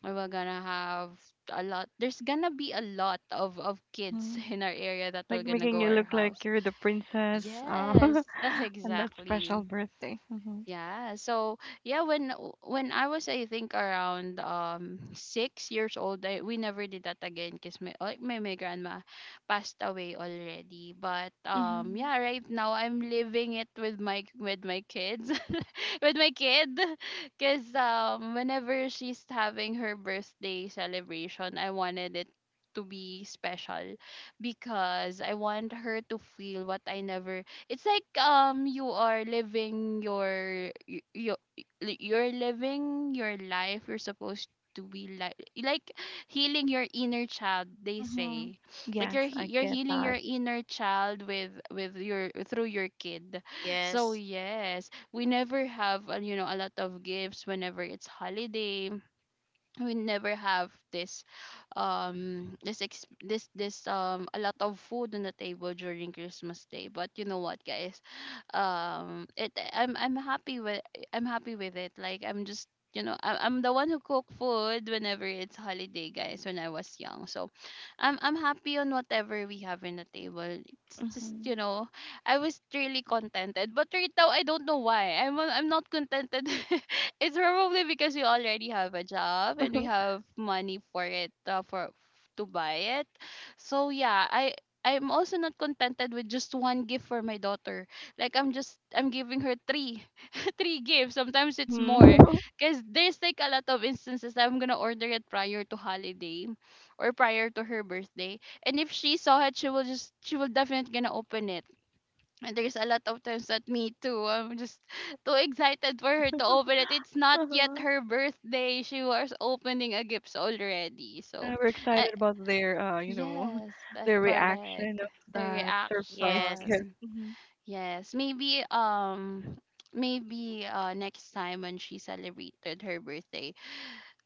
A: we are gonna have a lot, there's gonna be a lot of kids
B: Mm-hmm.
A: in our area that will
B: Like
A: gonna go
B: making you
A: our
B: look
A: house.
B: like you're the princess.
A: Yes,
B: And that
A: exactly.
B: special birthday. Mm-hmm.
A: Yeah. So yeah, when I was, I think around 6 years old, I, we never did that again because my, my grandma passed away already. But
B: Mm-hmm.
A: yeah, right now I'm living it with my kids, with my kid, because whenever she's having her birthday celebration, I wanted it to be special because I want her to feel what I never. It's like you are living your you're living your life. You're supposed to be like healing your inner child, they
B: Mm-hmm.
A: say. Like
B: Yes, I
A: you're
B: get
A: healing
B: that.
A: your inner child with your through your kid. So
C: yes,
A: yes, we never have you know, a lot of gifts whenever it's holiday. We never have this this this a lot of food on the table during Christmas day. But you know what, guys, it I'm happy with, I'm happy with it. Like I'm just, you know, I'm the one who cook food whenever it's holiday, guys, when I was young. So I'm happy on whatever we have in the table. It's just,
B: Mm-hmm.
A: you know, I was really contented. But right now, I don't know why. I'm not contented. It's probably because we already have a job and we have money for it, for to buy it. So yeah, I'm also not contented with just one gift for my daughter. Like I'm giving her three three gifts. Sometimes it's
B: Mhm.
A: more because there's like a lot of instances that I'm gonna order it prior to holiday or prior to her birthday. And if she saw it, she will definitely gonna open it. And there's a lot of times that me too. I'm just too excited for her to open it. It's not yet
B: Uh-huh.
A: her birthday. She was opening a gift already.
B: Yeah,
A: So,
B: we're
A: I,
B: excited about their, you know,
A: yes,
B: their reaction
A: correct.
B: of
A: The
B: that surprise
C: yes,
B: gift.
A: reaction. Yes, maybe maybe next time when she celebrated her birthday.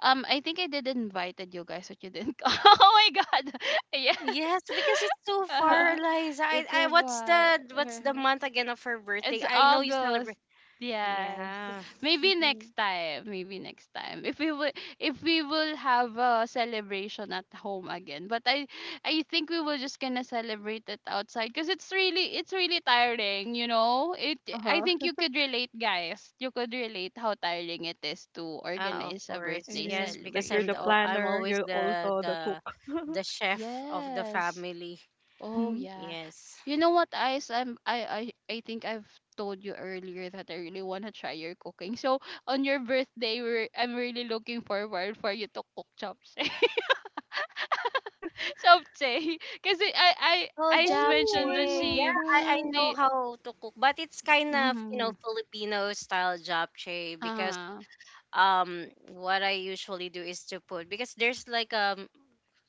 A: I think I did invited you guys but you didn't. Oh my god. Yes.
C: yes. Because it's so far,
A: Uh-huh.
C: Eliza.
A: It's
C: I,
A: a bar.
C: what's the month again of her birthday?
A: It's
C: I know you
A: August.
C: celebrate.
A: Yes.
C: Yeah.
A: Maybe next
B: hmm
A: time. Maybe next time. If we will have a celebration at home again. But I think we will just gonna celebrate it outside because it's really tiring, you know? It I
B: Uh-huh.
A: think you could relate, guys. You could relate how tiring it is to
C: Ah, of
A: organize a
C: course.
B: It
A: birthday
B: is
C: Yes,
B: like
C: because
B: you're
C: I'm
B: the
A: celebration.
C: I'm
B: planner,
C: always
B: you're
C: the
B: also the cook.
C: the the chef of the
A: Yes.
C: family.
A: Oh
B: Mm-hmm.
A: yeah.
C: Yes.
A: You know what, Ice? I think I've told you earlier that I really wanna try your cooking. So on your birthday, I'm really looking forward for you to cook chopsay. Chopsay, because I
C: Oh,
A: Ice
B: Oh,
A: mentioned
B: I
A: that
C: japchae.
B: love
C: Yeah, I
B: that.
C: know
A: she
C: how to cook, but it's kind of, you know,
A: mhm
C: Filipino style japchae because
A: ah
C: what I usually do is to put because there's like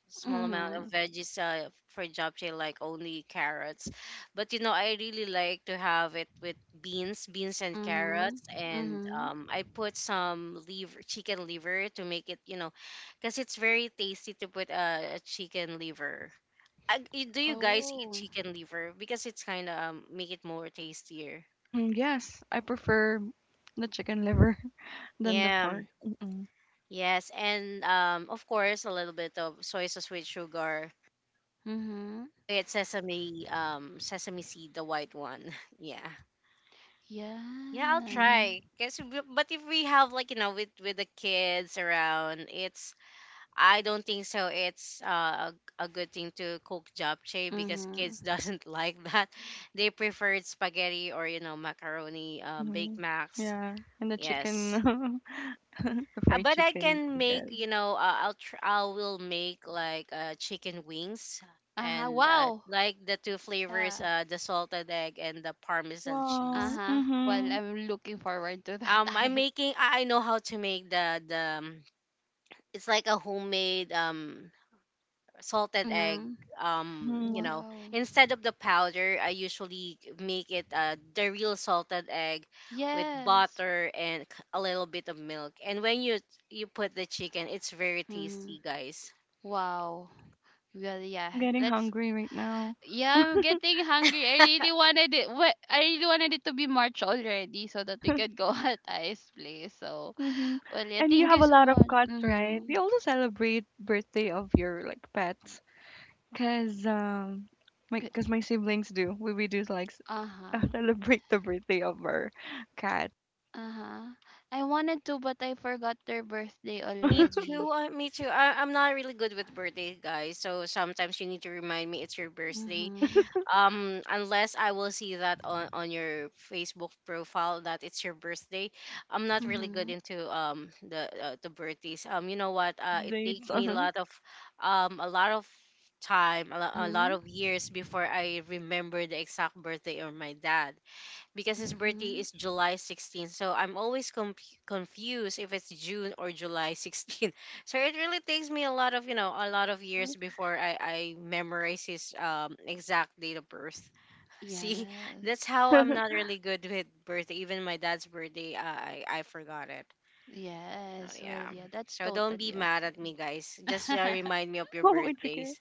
C: small amount of
A: mhm
C: veggies for japchae like only carrots, but you know I really like to have it with beans and
A: mhm
C: carrots and,
A: mhm
C: I put some liver chicken liver to make it, you know, because it's very tasty to put a chicken liver. Do you guys eat
A: oh
C: chicken liver because it's kind of make it more tastier.
B: Mm-hmm. Yes, I prefer the chicken liver than the
C: Yeah.
B: pork. Mm-mm.
C: Yes, and of course a little bit of soy sauce with sugar.
A: mhm
C: It's sesame sesame seed, the white one. Yeah. Yeah, I'll
A: yes
B: Mm-hmm.
C: try guess but if we have like, you know, with the kids around, it's I don't think so it's a good thing to cook japchae because kids
A: mhm
C: doesn't like that. They prefer spaghetti or, you know, macaroni,
B: Mm-hmm.
C: baked macs.
B: Yeah, and the
C: Yes.
B: chicken, the fried
C: But I
B: chicken
C: can make,
B: spaghetti.
C: you know, I will make like chicken wings
A: aha
C: and,
A: wow
C: like the two
A: yeah.
C: flavors, the salted egg and the parmesan cheese.
B: Wow.
A: Uh-huh. Well,
B: Mm-hmm.
A: I'm looking forward to that,
C: I'm
A: Ice.
C: making. I know how to make the the. Um, it's like a homemade salted egg.
A: Mm-hmm.
C: You
B: Mm-hmm.
C: know,
A: Wow.
C: instead of the powder, I usually make it the real salted egg with
A: Yes.
C: butter and a little bit of milk. And when you put the chicken, it's very
A: Mm-hmm.
C: tasty, guys.
A: Wow. Well, yeah.
B: I'm getting
A: Let's.
B: hungry right now.
A: Yeah, I'm getting hungry. I really wanted it. What I really wanted it to be March already, so that we could go at Ice Place. So,
B: Mm-hmm.
A: well, yeah.
B: And you
A: Thank
B: have
A: you
B: a
A: so
B: lot of
A: much.
B: cats, right? Do
A: Mm-hmm.
B: you also celebrate birthday of your like pets? Cause My cause my siblings do. We do like
A: Uh huh.
B: celebrate the birthday of our cat.
A: Uh huh. I wanted to, but I forgot their birthday
C: Me too.
A: already.
C: Me too. I, I'm not really good with birthdays, guys. So sometimes you need to remind me it's your birthday.
A: Mm-hmm.
C: Unless I will see that on your Facebook profile that it's your birthday. I'm not really good
A: Mm-hmm.
C: into the birthdays. You know what? It take
B: Dates.
C: me a
B: Uh-huh.
C: lot of um a lot of time a lot
A: Mm-hmm.
C: of years before I remember the exact birthday of my dad because his birthday
A: Mm-hmm.
C: is July 16th. So I'm always confused if it's June or July 16th. So it really takes me a lot of, you know, a lot of
B: Uh-huh.
C: years before I memorize his exact date of birth. See,
A: Yes.
C: that's how I'm not really good with birthday. Even my dad's birthday, I forgot it. Oh,
A: Yes. Well,
C: yeah.
A: yeah. That's
C: So don't be
A: totally
C: mad at
A: okay.
C: me, guys. Just remind me of your
B: Oh, it's okay.
C: birthdays.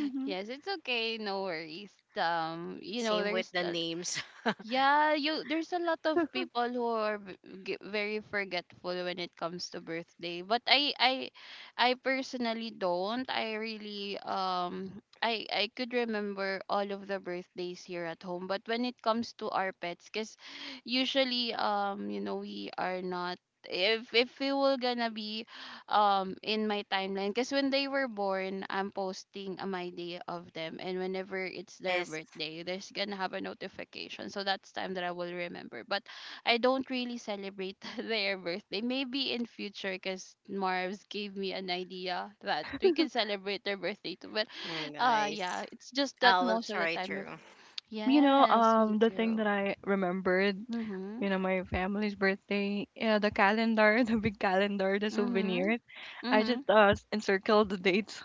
B: Mm-hmm.
A: Yes, it's okay. No worries. You know,
C: Same with
A: there's
C: the
A: a,
C: names.
A: yeah, you there's a lot of people who are very forgetful when it comes to birthday. But I personally don't. I really I could remember all of the birthdays here at home. But when it comes to our pets, because usually you know, we are not, if we were gonna be in my timeline, because when they were born, I'm posting a my day of them, and whenever it's their
C: Yes.
A: birthday, there's gonna have a notification. So that's time that I will remember. But I don't really celebrate their birthday. Maybe in future, because Marv's gave me an idea that we can celebrate their birthday too. But
C: Yeah, guys.
A: yeah, it's just that
C: I will
A: most of the
C: try
A: time I've...
C: to.
B: You know,
A: Yes, we
B: the thing
A: do.
B: that I remembered,
A: Mm-hmm.
B: you know, my family's birthday, yeah, the calendar, the big calendar, the
A: Mm-hmm.
B: souvenir. I
A: Mm-hmm.
B: just encircled the dates,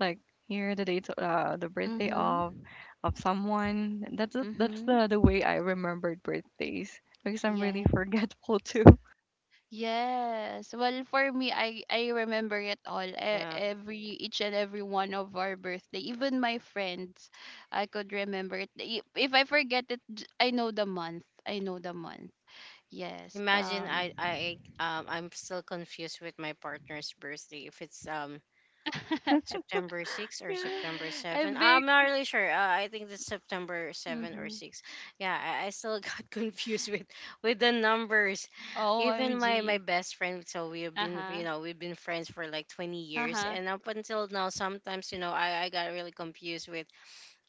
B: like here the date the birthday of
A: Mm-hmm.
B: someone. That's
A: Mm-hmm.
B: the way I remembered birthdays because I'm really
A: Yeah.
B: forgetful too.
A: Yes. Well, for me, I remember it all.
C: Yeah.
A: Every each and every one of our birthday, even my friends, I could remember it. If I forget it, I know the month. I know the month. Yes.
C: Imagine I I'm still confused with my partner's birthday if it's September 6 or
B: Yeah.
C: September 7.
A: I'm very.
C: I'm not really sure. I think it's September 7 or
A: Mm-hmm.
C: 6. Yeah, I still got confused with the numbers. Even my
A: OMG.
C: best friend, so we've
A: Uh
C: been, you
A: huh.
C: know, we've been friends for like 20
A: Uh
C: years
A: huh.
C: and up until now sometimes, you know, I got really confused with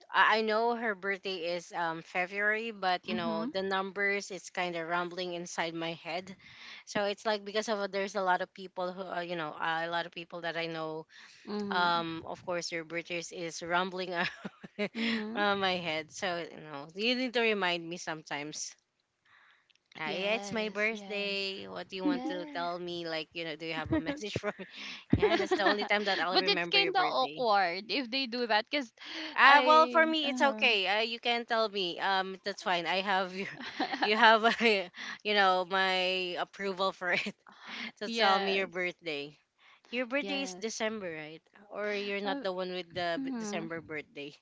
C: I know her birthday is February, but you know
A: Mhm.
C: the numbers is kind of rumbling inside my head. So it's like because of there's a lot of people who a lot of people that I know.
A: Mhm.
C: Of course, your British is rumbling
A: Mhm.
C: on my head. So you know you need to remind me sometimes. Yeah, it's my
A: Yes. Yes.
C: birthday. What do you want to
A: Yeah.
C: tell me? Like, you know, do you have a message for me? Yeah, that's the only time that I'll
A: But it's
C: remember
A: kind
C: your
A: of
C: birthday.
A: awkward if they do that because
C: Well, for
A: I.
C: me, it's okay. You can tell me. That's fine. I have your, you have, you know, my approval for it to tell me your
A: Yes.
C: birthday. Your birthday is
A: Yes.
C: December, right? Or you're not
A: Uh,
C: the one with the
A: mm,
C: December birthday?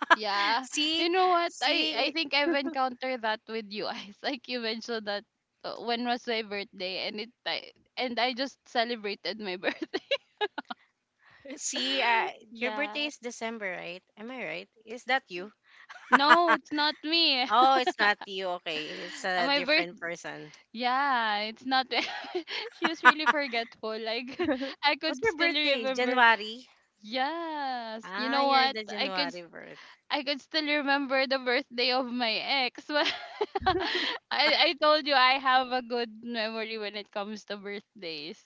A: yeah.
C: See,
A: You know what? I
C: see,
A: think I've encountered that with you guys. Like you mentioned that when was my birthday, and it I, and I just celebrated my birthday.
C: see. Your birthday
A: Yeah.
C: is December, right? Am I right? Is that you?
A: No, it's not me.
C: Oh, it's not you. Okay, it's a
A: My birth
C: different person.
A: yeah, it's not. She was really forgetful. Like I
C: What's
A: could
C: your
A: still
C: birthday?
A: remember.
C: January.
A: Yes. You
C: Ah,
A: know
C: you're
A: what?
C: the January.
A: I could still remember the birthday of my ex. But I told you I have a good memory when it comes to birthdays.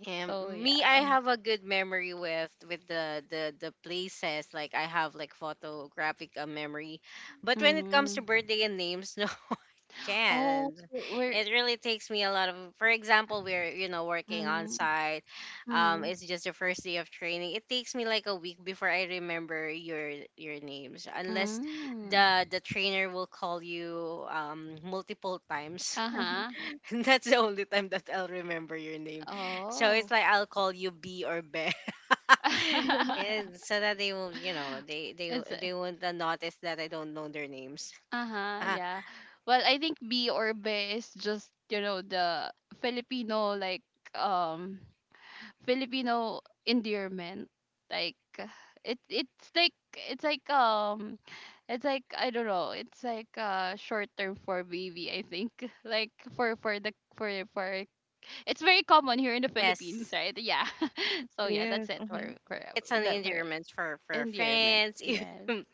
C: Yeah,
A: So
C: me, I
A: yeah.
C: have a good memory with with the places. Like I have like photographic memory, but when it comes
A: Mm-hmm.
C: to birthday and names, no, I
A: Oh,
C: can't.
A: we're
C: It really takes me a lot of. For example, we're you know working on
A: mm-hmm.
C: site.
A: Mm-hmm.
C: It's just the first day of training. It takes me like a week before I remember your names, unless
A: Mm.
C: the trainer will call you multiple times.
A: Uh-huh.
C: That's the only time that I'll remember your name. So
A: Oh.
C: it's like I'll call you B or Be. And so that they will, you know, they
A: It's
C: they won't notice that I don't know their names.
A: uh-huh, yeah. Well, I think B or B is just, you know, the Filipino, like um Filipino endearment. Like it's like it's like, I don't know, it's like short term for baby, I think. Like for the for it's very common here in the Philippines,
C: Yes.
A: right? Yeah. So
B: It
A: yeah, that's
B: is.
A: it
B: Mm-hmm.
A: for
C: It's an
A: that for
C: endearment for
A: endearment.
C: friends.
A: Yes.
C: Even-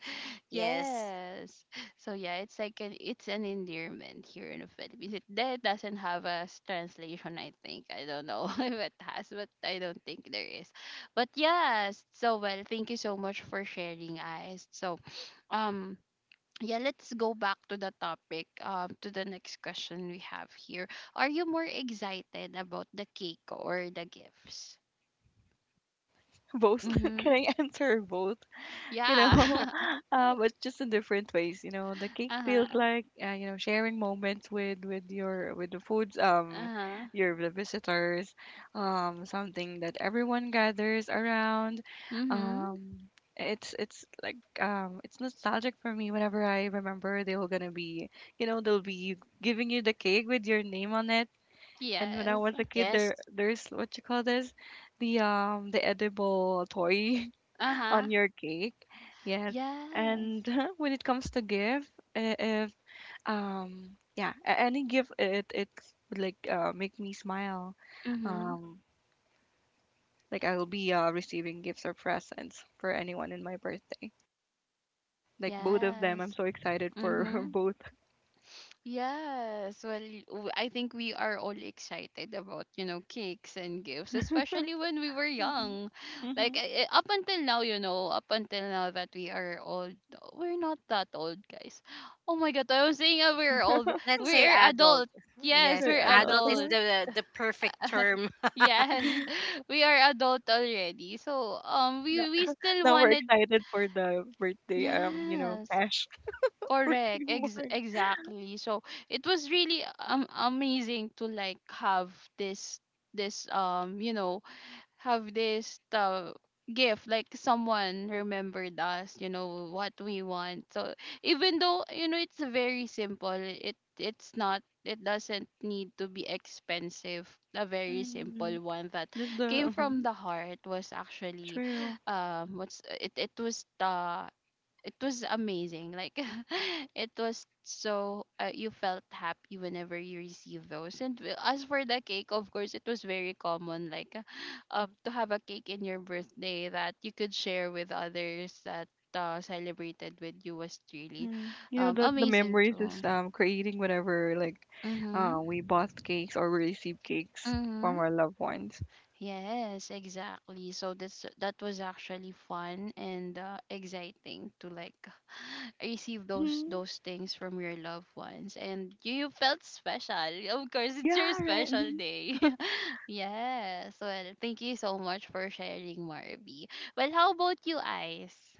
C: yes.
A: Yes. So yeah, it's like an it's an endearment here in the Philippines. It that doesn't have a translation, I think. I don't know if it has, but I don't think there is. But yes, so well, thank you so much for sharing, guys. So um yeah, let's go back to the topic. To the next question we have here. Are you more excited about the cake or the gifts?
B: Both.
A: Mm-hmm.
B: Can I answer both? You
A: Yeah.
B: know, but just in different ways. You know, the cake feels
A: Uh-huh.
B: like, you know, sharing moments with your with the foods,
A: Uh-huh.
B: your the visitors, something that everyone gathers around.
A: Mm-hmm.
B: Um, it's like it's nostalgic for me whenever I remember they were gonna be, you know, they'll be giving you the cake with your name on it. And when I
A: Yes.
B: was a kid,
C: Yes.
B: there's what you call this, the edible toy
A: Uh-huh.
B: on your cake. Yes.
A: Yes.
B: And when it comes to gift, if yeah, any gift it would like make me smile.
A: Mm-hmm.
B: Um like I'll be receiving gifts or presents for anyone in my birthday. Like both of them, I'm
A: Yes.
B: so excited for
A: Mm-hmm.
B: both.
A: Yes. Well, I think we are all excited about, you know, cakes and gifts, especially when we were
B: Mhm.
A: young. Like
B: Mhm.
A: up until now, you know, up until now that we are old, we're not that old, guys. Oh my God, I was saying we're old.
C: Let's say
A: We're
C: adult.
A: adult. Yes,
C: Yes,
B: They're
A: we're
B: adult.
C: adult is
A: adult.
C: the perfect term.
A: Yes, we are adult already. So
B: No-
A: we still
B: Now we're
A: wanted.
B: excited for the birthday, you know,
A: Yes.
B: cash. Birthday
A: Correct.
B: more.
A: Exactly. So it was really amazing to like have this this you know, have this gift, like someone remembered us, you know what we want. So even though, you know, it's very simple, it's not, it doesn't need to be expensive, a very
B: Mhm.
A: simple one that
B: Just the
A: came from the heart was actually
B: true.
A: what's it it was the it was amazing. Like it was so you felt happy whenever you received those. And as for the cake, of course it was very common, like to have a cake in your birthday that you could share with others that celebrated with you was really
B: Mm-hmm. You know that the
A: amazing
B: memories is
A: too.
B: creating whenever, like,
A: Mhm.
B: we bought cakes or we received cakes from
A: Mhm.
B: our loved ones.
A: Yes, exactly. So that's that was actually fun and exciting to like receive
B: Mm-hmm.
A: those things from your loved ones, and you felt special. Of course, it's your
B: Yeah, right.
A: special
B: Mm-hmm.
A: day. Yes. Well, thank you so much for sharing, Marby. Well, how about you, Ice?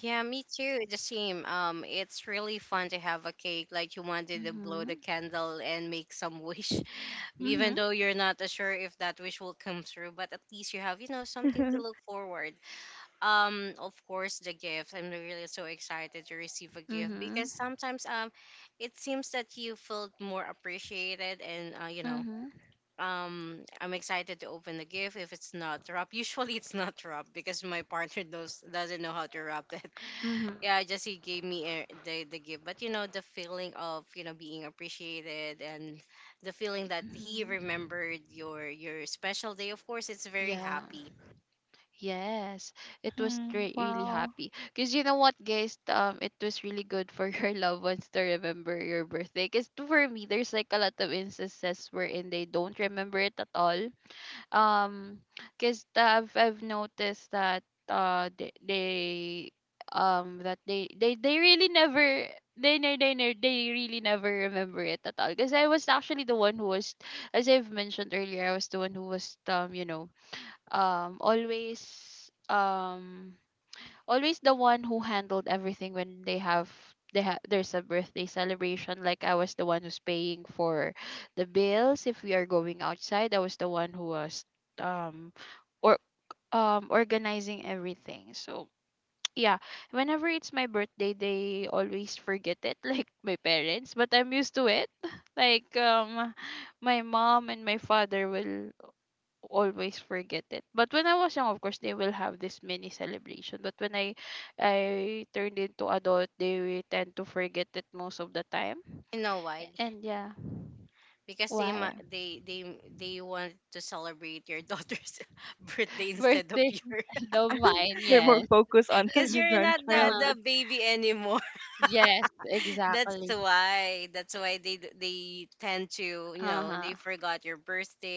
C: Yeah, me too. The same. It's really fun to have a cake. Like you wanted to blow the
A: Mhm.
C: candle and make some wish. Even
A: Mhm.
C: though you're not sure if that wish will come through, but at least you have, you know, something
B: Mm-hmm.
C: to look forward. Of course, the gift, I'm really so excited to receive a gift,
A: Mhm.
C: because sometimes it seems that you felt more appreciated and, you know,
A: Mhm.
C: I'm excited to open the gift if it's not wrapped. Usually it's not wrapped because my partner knows doesn't know how to wrap it.
A: Mhm.
C: Yeah, just he gave me a, the gift. But you know the feeling of, you know, being appreciated and the feeling that he
A: Mhm.
C: remembered your special day. Of course, it's very
A: Yeah.
C: happy.
A: Yes, really
B: Wow.
A: happy. Because you know what, guys? It was really good for your loved ones to remember your birthday. Because for me, there's like a lot of instances wherein they don't remember it at all. Um, because I've noticed that they that they really never they really never remember it at all. Because I was actually the one who was, as I've mentioned earlier, I was the one who was always always the one who handled everything when they have there's a birthday celebration. Like I was the one who's paying for the bills. If we are going outside, I was the one who was um or organizing everything. So yeah, whenever it's my birthday, they always forget it, like my parents, but I'm used to it, like my mom and my father will always forget it. But when I was young, of course, they will have this mini celebration. But when I turned into adult, they tend to forget it most of the time.
C: You know why?
A: And yeah,
C: Because they ma-
A: why
C: they want to celebrate your daughter's birthday instead of
A: birthday
C: yours.
A: inside of
B: Yeah,
A: mine?
B: they're more
A: Yes.
B: focused on
C: Because
B: the
C: you're not the
B: grandchild.
A: Uh-huh.
C: the baby anymore.
A: Yes,
C: That's
A: exactly.
C: why. That's why they d- they tend to, you
A: Uh
C: know,
A: huh.
C: they forgot your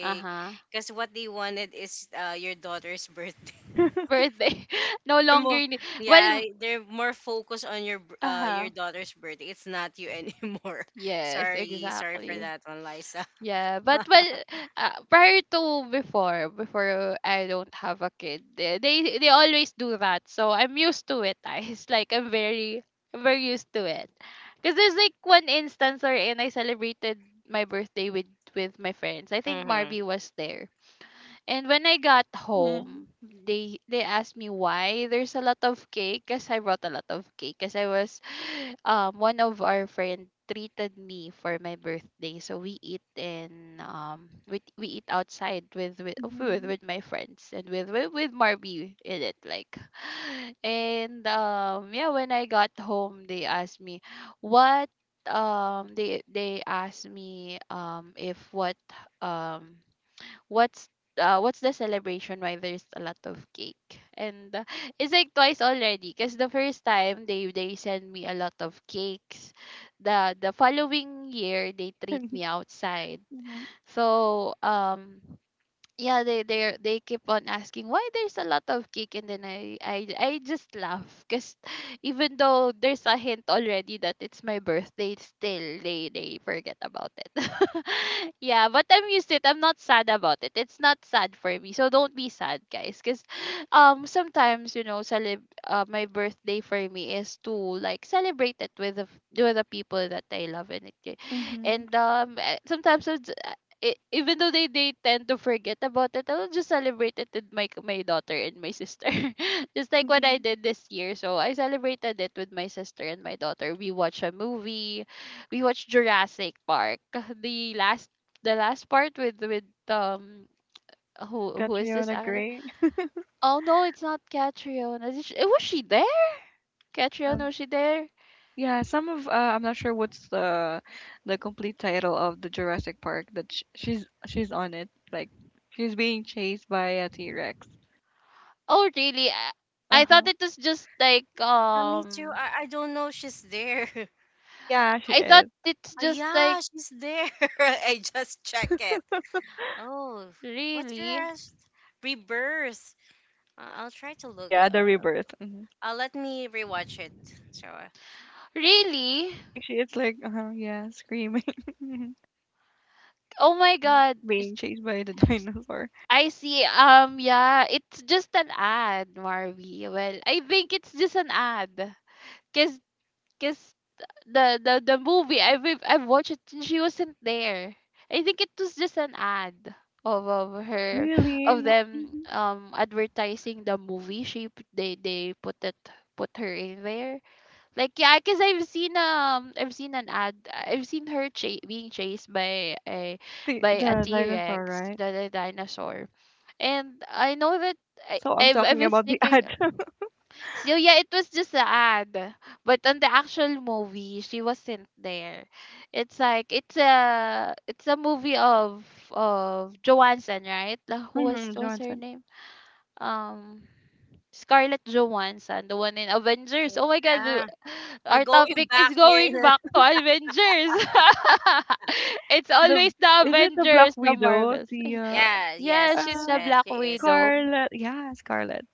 A: Uh huh.
C: because what they wanted is your daughter's birthday.
A: Birthday no
C: They're more,
A: longer. Need-
C: yeah,
A: well,
C: they're more focused on your b-
A: uh
C: your
A: huh.
C: daughter's birthday. It's not you anymore.
A: Yes,
C: Sorry, sorry for
A: exactly.
C: that one, Liza.
A: Yeah, but well, prior to before I don't have a kid, they always do that. So I'm used to it. I, it's like I'm very used to it. Cause there's like one instance wherein I celebrated my birthday with my friends. I think
C: Mm-hmm.
A: Marby was there, and when I got
B: Mm-hmm.
A: home, they asked me why there's a lot of cake, because I brought a lot of cake, because I was one of our friend treated me for my birthday, so we eat in we eat outside with
B: Mm-hmm.
A: my friends and with Marby in it, like and yeah, when I got home, they asked me what. They asked me if um what's what's the celebration, why there's a lot of cake? And it's like twice already, because the first time they send me a lot of cakes, the following year they treat me outside.
B: Mm-hmm.
A: So yeah, they keep on asking why there's a lot of cake, and then I just laugh because even though there's a hint already that it's my birthday, still they forget about it. yeah, but I'm used to it. I'm not sad about it. It's not sad for me, so don't be sad, guys, because sometimes, you know, my birthday for me is to like celebrate it with with the people that I love. And
B: Mm-hmm.
A: sometimes it's- I even though they tend to forget about it, I'll just celebrate it with my daughter and my sister. just like what I
B: Mhm.
A: did this year. So I celebrated it with my sister and my daughter. We watched a movie. We watched Jurassic Park. The last the last part with
B: Would
A: who is this
B: Catriona
A: actor?
B: agree?
A: Oh no, it's not Catriona. Is she- was she there? Catriona, was she there?
B: Yeah, some of I'm not sure what's the complete title of the Jurassic Park that sh she's on it. Like she's being chased by a T-Rex.
A: Oh really? I thought
B: Uh-huh.
A: it was just like
C: Yeah, me too. I don't know she's there.
B: Yeah, she
A: I thought
B: is.
A: it's
C: Oh,
A: just like
C: yeah, she's there. I just check it. Oh, what's your
A: really.
C: res- rebirth? I'll try to
B: Oh
C: look.
B: yeah, the rebirth.
C: Let me rewatch it. So,
A: Really?
B: Like she is like uh-huh, yeah, screaming.
A: Oh my
B: Mhm.
A: god.
B: Being chased by the dinosaur.
A: I see. Yeah, it's just an ad, Marvy. Well, I think it's just an ad. Cause, Cause the movie, I've watched it, and she wasn't there. I think it was just an ad of her,
B: Really?
A: of
B: No.
A: them
B: Mhm.
A: advertising the movie. They they put it, put her in there. Like yeah, cause I've seen an ad, I've seen her being chased by a
B: The
A: T
B: dinosaur,
A: Rex,
B: right?
A: the dinosaur, and I know that
B: So I'm
A: I
B: talking
A: was
B: about the
A: thinking,
B: ad.
A: so yeah, it was just an ad, but on the actual movie she wasn't there. It's like it's a movie of Johansson, right? Like, who was, what's her
B: Johnson.
A: name? Um. Scarlett Johansson, the one in Avengers. Oh my God, the-
C: yeah, we're
A: our
C: going
A: topic
C: back
A: is going
C: here.
A: back to Avengers. it's
B: The
A: always the
B: is it the Black
A: Avengers, the
B: Widow?
A: Marvels.
B: The
C: Yeah,
A: Yeah, she's
C: yes,
A: the
B: uh
C: yes,
A: Black
C: she is.
A: Widow.
B: Scarlet. Yeah, Scarlet.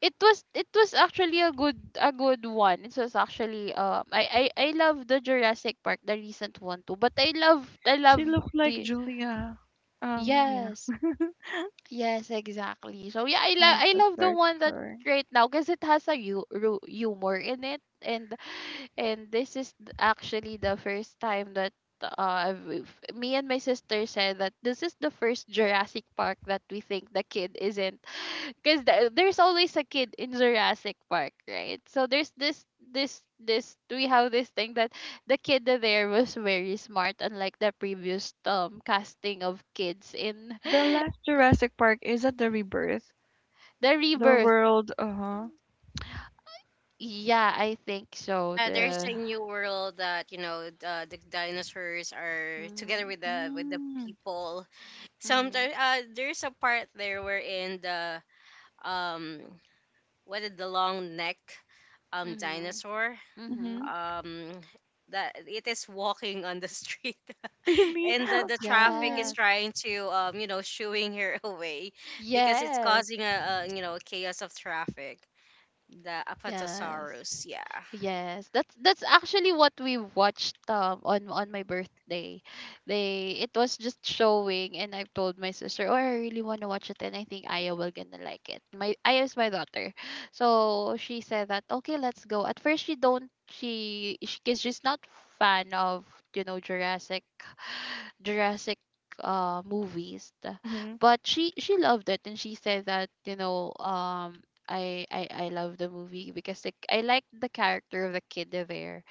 A: It was actually a good one. It was actually I love the Jurassic Park, the recent one too. But I love, I love
B: She looked like
A: the
B: Julia. Yeah,
A: yes. Yes, exactly. So yeah,
B: I
A: I
B: just
A: love the
B: search
A: one that
B: her.
A: right now, because it has a humor in it, and this is actually the first time that uh I've- f- me and my sister said that this is the first Jurassic Park that we think the kid isn't, because there's always a kid in Jurassic Park, right? So there's this, we have this thing that the kid there was very smart, unlike the previous casting of kids in.
B: The last Jurassic Park is at the rebirth.
A: The
B: The
A: rebirth.
B: world, uh huh.
A: Yeah, I think so.
C: There's
A: The
C: a new world that you know the dinosaurs are together
A: mhm,
C: with the
B: Mm,
C: people.
A: mhm,
C: Sometimes there's a part there where in the um what is the long neck
A: mhm,
C: dinosaur
B: mm-hmm.
A: mhm.
C: um that it is walking on the street
B: Really?
C: and the traffic is
B: Weird.
A: Yes.
C: trying to you know shooing her away because it's
A: Yes.
C: causing a, you know, chaos of traffic. The
A: Yes.
C: apatosaurus, yeah.
A: Yes, that's actually what we watched on my birthday. They, it was just showing, and I've told my sister, "Oh, I really want to watch it, and I think Aya will gonna like it." My Aya is my daughter, so she said that okay, let's go. At first, she don't she, because she's not fan of, you know, Jurassic. Jurassic movies, the-
B: Mm-hmm.
A: but she loved it, and she said that, you know, I love the movie, because like I like the character of the kid there,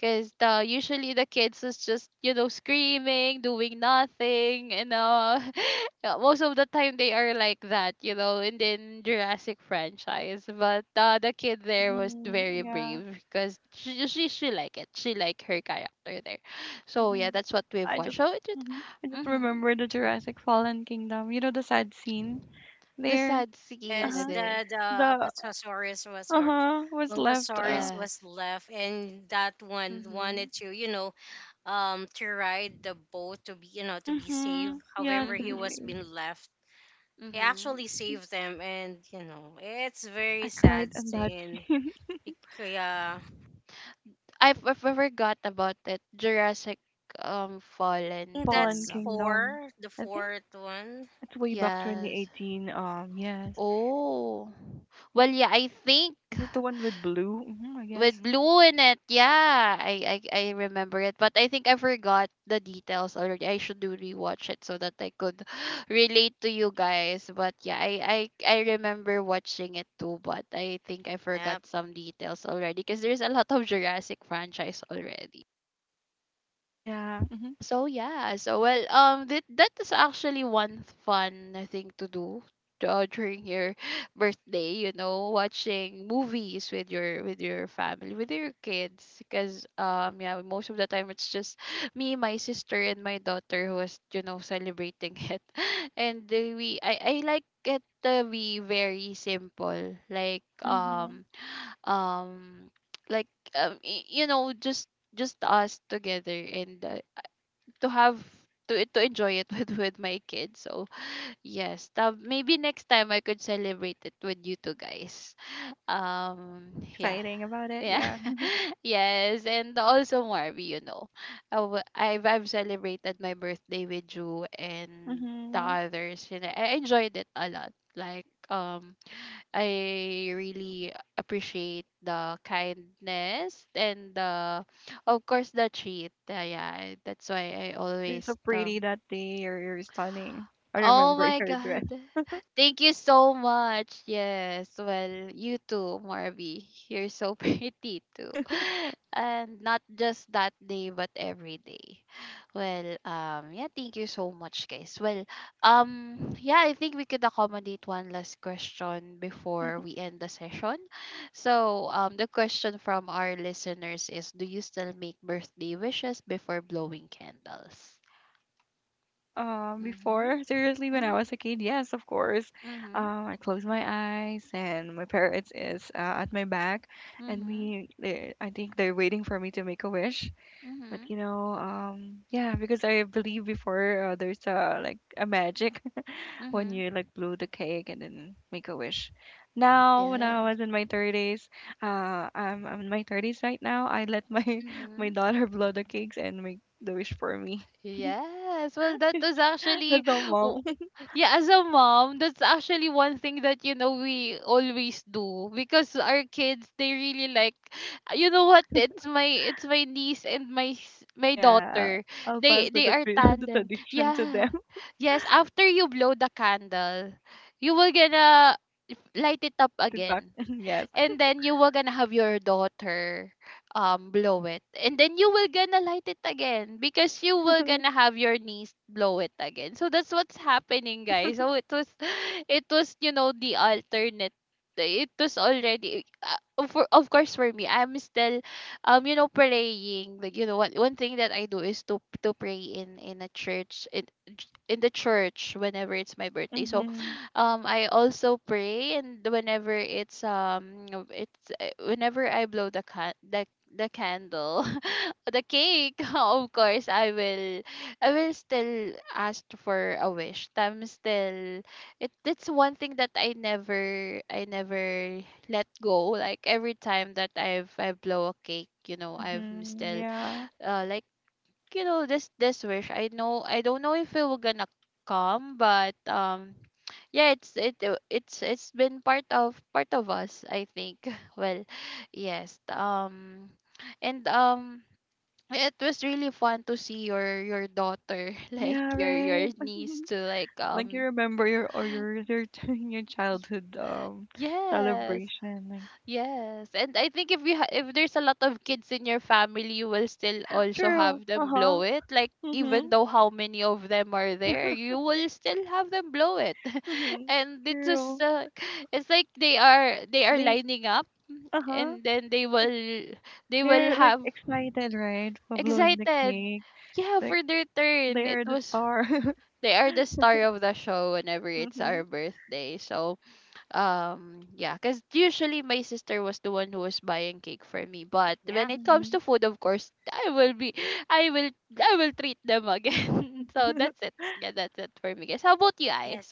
A: because the usually the kids is just, you know, screaming, doing nothing, you know. Yeah, most of the time they are like that, you know, in the Jurassic franchise. But the kid there was
B: Mm-hmm.
A: very
B: Yeah.
A: brave, because she like it. She like her character there. So
B: Mm-hmm.
A: yeah, that's what we've
B: I
A: watched.
B: just,
A: So it,
B: mm-hmm. I just remember
A: mm-hmm.
B: the Jurassic Fallen Kingdom. You know the sad scene
A: The
B: there.
A: sad
B: Uh
A: scene
C: Yes,
B: huh.
A: there.
C: the
B: The
C: apatosaurus was,
B: uh
C: or
B: huh was left.
C: brontosaurus was
A: Yes.
C: left, and that one
A: Mhm.
C: wanted to, you know, to ride the boat to be, you know, to be safe.
B: Mm-hmm. Yeah.
C: However, he
A: Mhm.
C: was being left. He
A: Mhm.
C: actually saved them, and you know it's
B: I
C: very
B: cried
C: sad
B: on that
C: scene.
B: scene.
C: Bec- yeah,
A: I forgot about it. Jurassic
C: I
A: Fallen
C: think
B: Fallen
C: that's
A: Kingdom.
B: Kingdom.
C: four, the
B: I think
C: fourth one.
B: it's way back
A: Yes.
B: 2018. Yes.
A: Oh. Well, yeah, I think
B: Is it the one with blue? Mm-hmm, I guess.
A: with blue in it. Yeah, I remember it, but I think I forgot the details already. I should do rewatch it so that I could relate to you guys. But yeah, I remember watching it too, but I think I
C: Yep.
A: forgot some details already, because there's a lot of Jurassic franchise already.
B: Yeah. Mm-hmm.
A: So yeah, so well, that that is actually one fun thing to do during your birthday. You know, watching movies with your family, with your kids, because yeah, most of the time it's just me, my sister, and my daughter who is, you know, celebrating it, and we I like it to be very simple,
B: Mm-hmm.
A: um like you know, just us together, and to have to enjoy it with my kids. So yes, tab- maybe next time I could celebrate it with you two guys. Yeah,
B: Exciting about it.
A: yeah,
B: Yeah.
A: yes, and also Marvy, you know, I w- I've celebrated my birthday with you and the
B: Mm-hmm.
A: others, and I enjoyed it a lot. Like I really appreciate the kindness and the, of course, the treat. Yeah, that's why I
B: You're so
A: always
B: pretty
A: um
B: that day. You're stunning. I
A: Oh
B: remember
A: my
B: your dress.
A: God. Thank you so much. Yes. Well, you too, Marby. You're so pretty too. And not just that day, but every day. Well, yeah, thank you so much, guys. Well, yeah, I think we could accommodate one last question before
B: Mhm.
A: we end the session. So, the question from our listeners is, do you still make birthday wishes before blowing candles? Mm-hmm.
B: Before, seriously, when I
A: Mm-hmm.
B: was a kid, yes, of course.
A: Mm-hmm.
B: I close my eyes and my parents is at my back, and
A: Mhm.
B: I think they're waiting for me to make a wish. But
A: Mhm.
B: you know, yeah, because I believe before there's a like a magic when
A: Mhm.
B: you like blow the cake and then make a wish. Now, when I
A: Yes.
B: was in my 30s, I'm in my 30s right now. I let my
A: Mhm.
B: my daughter blow the cakes and make the wish for me.
A: Yes. Well, that was actually,
B: So,
A: w-
B: mom,
A: yeah, as a mom, that's actually one thing that, you know, we always do, because our kids, they really like, you know what? It's my niece and my, s- my
B: yeah,
A: daughter.
B: I'll pass
A: They are
B: the
A: tandem.
B: tradition to
A: Yeah.
B: them.
A: Yes. After you blow the candle, you will gonna light it up
B: Slide it back.
A: again,
B: Yes.
A: and then you will gonna have your daughter blow it, and then you will gonna light it again, because you will gonna have your niece blow it again. So that's what's happening, guys. So it was, it was, you know, the alternate. It was already for, of course for me, I'm still you know, praying, like, you know, one, one thing that I do is to pray in a church in the church, whenever it's my birthday. So
B: Mhm.
A: I also pray, and whenever it's you know, it's whenever I blow the can the candle, the cake, of course I will still ask for a wish. I'm still it, that's one thing that I never let go. Like every time that I blow a cake, you know, I'm
B: Mhm.
A: still
B: Yeah.
A: like, you know, this wish, I know, I don't know if it will gonna come, but yeah, it's been part of us, I think. well, yes, um, and it was really fun to see your daughter, like
B: Yeah.
A: your
B: Right.
A: niece, to like
B: Like you remember your or your your your childhood
A: yes.
B: celebration. Like
A: Yes, and I think if if there's a lot of kids in your family, you will still also
B: true.
A: have
B: Uh
A: them
B: huh.
A: blow it. Like even
B: Mhm.
A: though how many of them are there, you will still have them blow it.
B: Mhm.
A: and it's just
B: True.
A: it's like they are
B: They.
A: lining up,
B: Uh huh.
A: and then
B: It's
A: they will
B: they're like
A: have
B: excited, right? For blowing the
A: excited.
B: cake.
A: Yeah,
B: Like
A: for their
B: they
A: turn. It
B: are the
A: was,
B: star.
A: they are the star of the show whenever it's our
B: Mhm.
A: birthday. So yeah, because usually my sister was the one who was buying cake for me, but when
C: Yeah,
A: it comes
B: Mhm.
A: to food, of course I will be i will I will treat them again. so that's it. Yeah, that's it for me, guys. How about you
C: yes.
A: guys?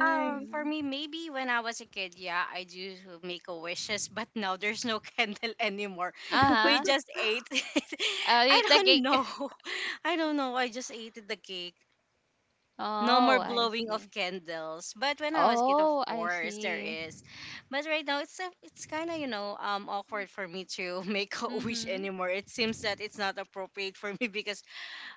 C: For
A: Mm-hmm.
C: me, maybe when I was a kid, yeah, I do make a wishes. But now there's no candle anymore. We
A: Uh-huh.
C: just ate it.
A: I'll eat
C: I
A: the
C: don't
A: cake.
C: know, I don't know, I just ate the cake. No
A: oh
C: more
A: I
C: blowing
A: see.
C: of candles. But when I was kid, of
A: Oh I
C: course, there
A: see.
C: is. But right now, it's a, it's kind of, you know, awkward for me to make a wish
A: Mm-hmm.
C: anymore. It seems that it's not appropriate for me because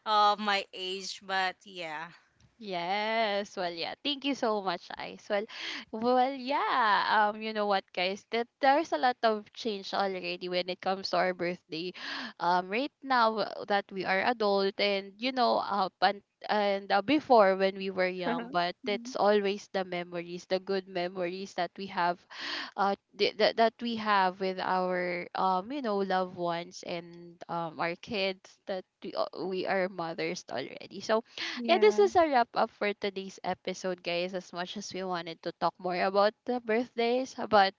C: of my age. But yeah,
A: Yes. Well, yeah. Thank you so much, Ice. Well, well, yeah. You know what, guys? That there's a lot of change already when it comes to our birthday. Right now that we are adult, and you know, up and before when we were young, but it's
B: Mhm.
A: always the memories, the good memories that we have, that that we have with our you know, loved ones and our kids that we are mothers already. So yeah, this
B: Yeah.
A: is a wrap up for today's episode, guys. As much as we wanted to talk more about the birthdays, but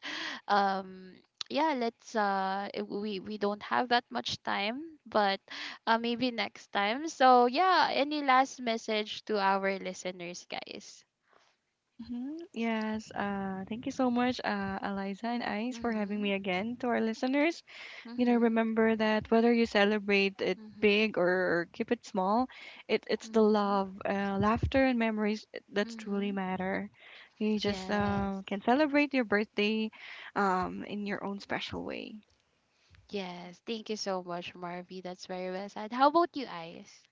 A: um, yeah, let's we don't have that much time, but maybe next time. So yeah, any last message to our listeners, guys?
B: Mm-hmm. Yes. Thank you so much, Eliza and Ice, for having
A: Mhm,
B: me again. To our listeners, you know,
A: mhm,
B: remember that whether you celebrate it
A: mhm,
B: big or keep it small, it's the
A: mhm,
B: love, laughter, and memories that truly
A: mhm.
B: matter. You just
A: Yes,
B: can celebrate your birthday in your own special way.
A: yes. Thank you so much, Marvy. That's very well said. How about you, Ice?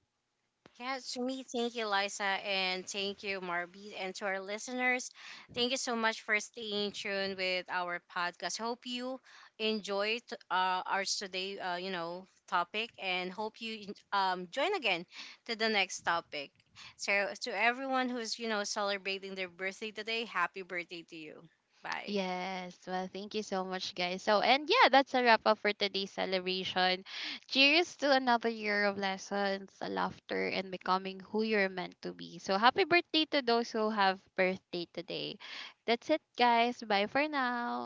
C: yeah, to me, thank you, Liza, and thank you, Marby, and to our listeners, thank you so much for staying tuned with our podcast. Hope you enjoyed, our today, you know, topic, and hope you join again to the next topic. So, to everyone who's you know celebrating their birthday today, happy birthday to you. Bye.
A: Yes. Well, thank you so much, guys. So, and yeah, that's a wrap up for today's celebration. Cheers to another year of lessons, laughter, and becoming who you're meant to be. So, happy birthday to those who have birthday today. That's it, guys. Bye for now.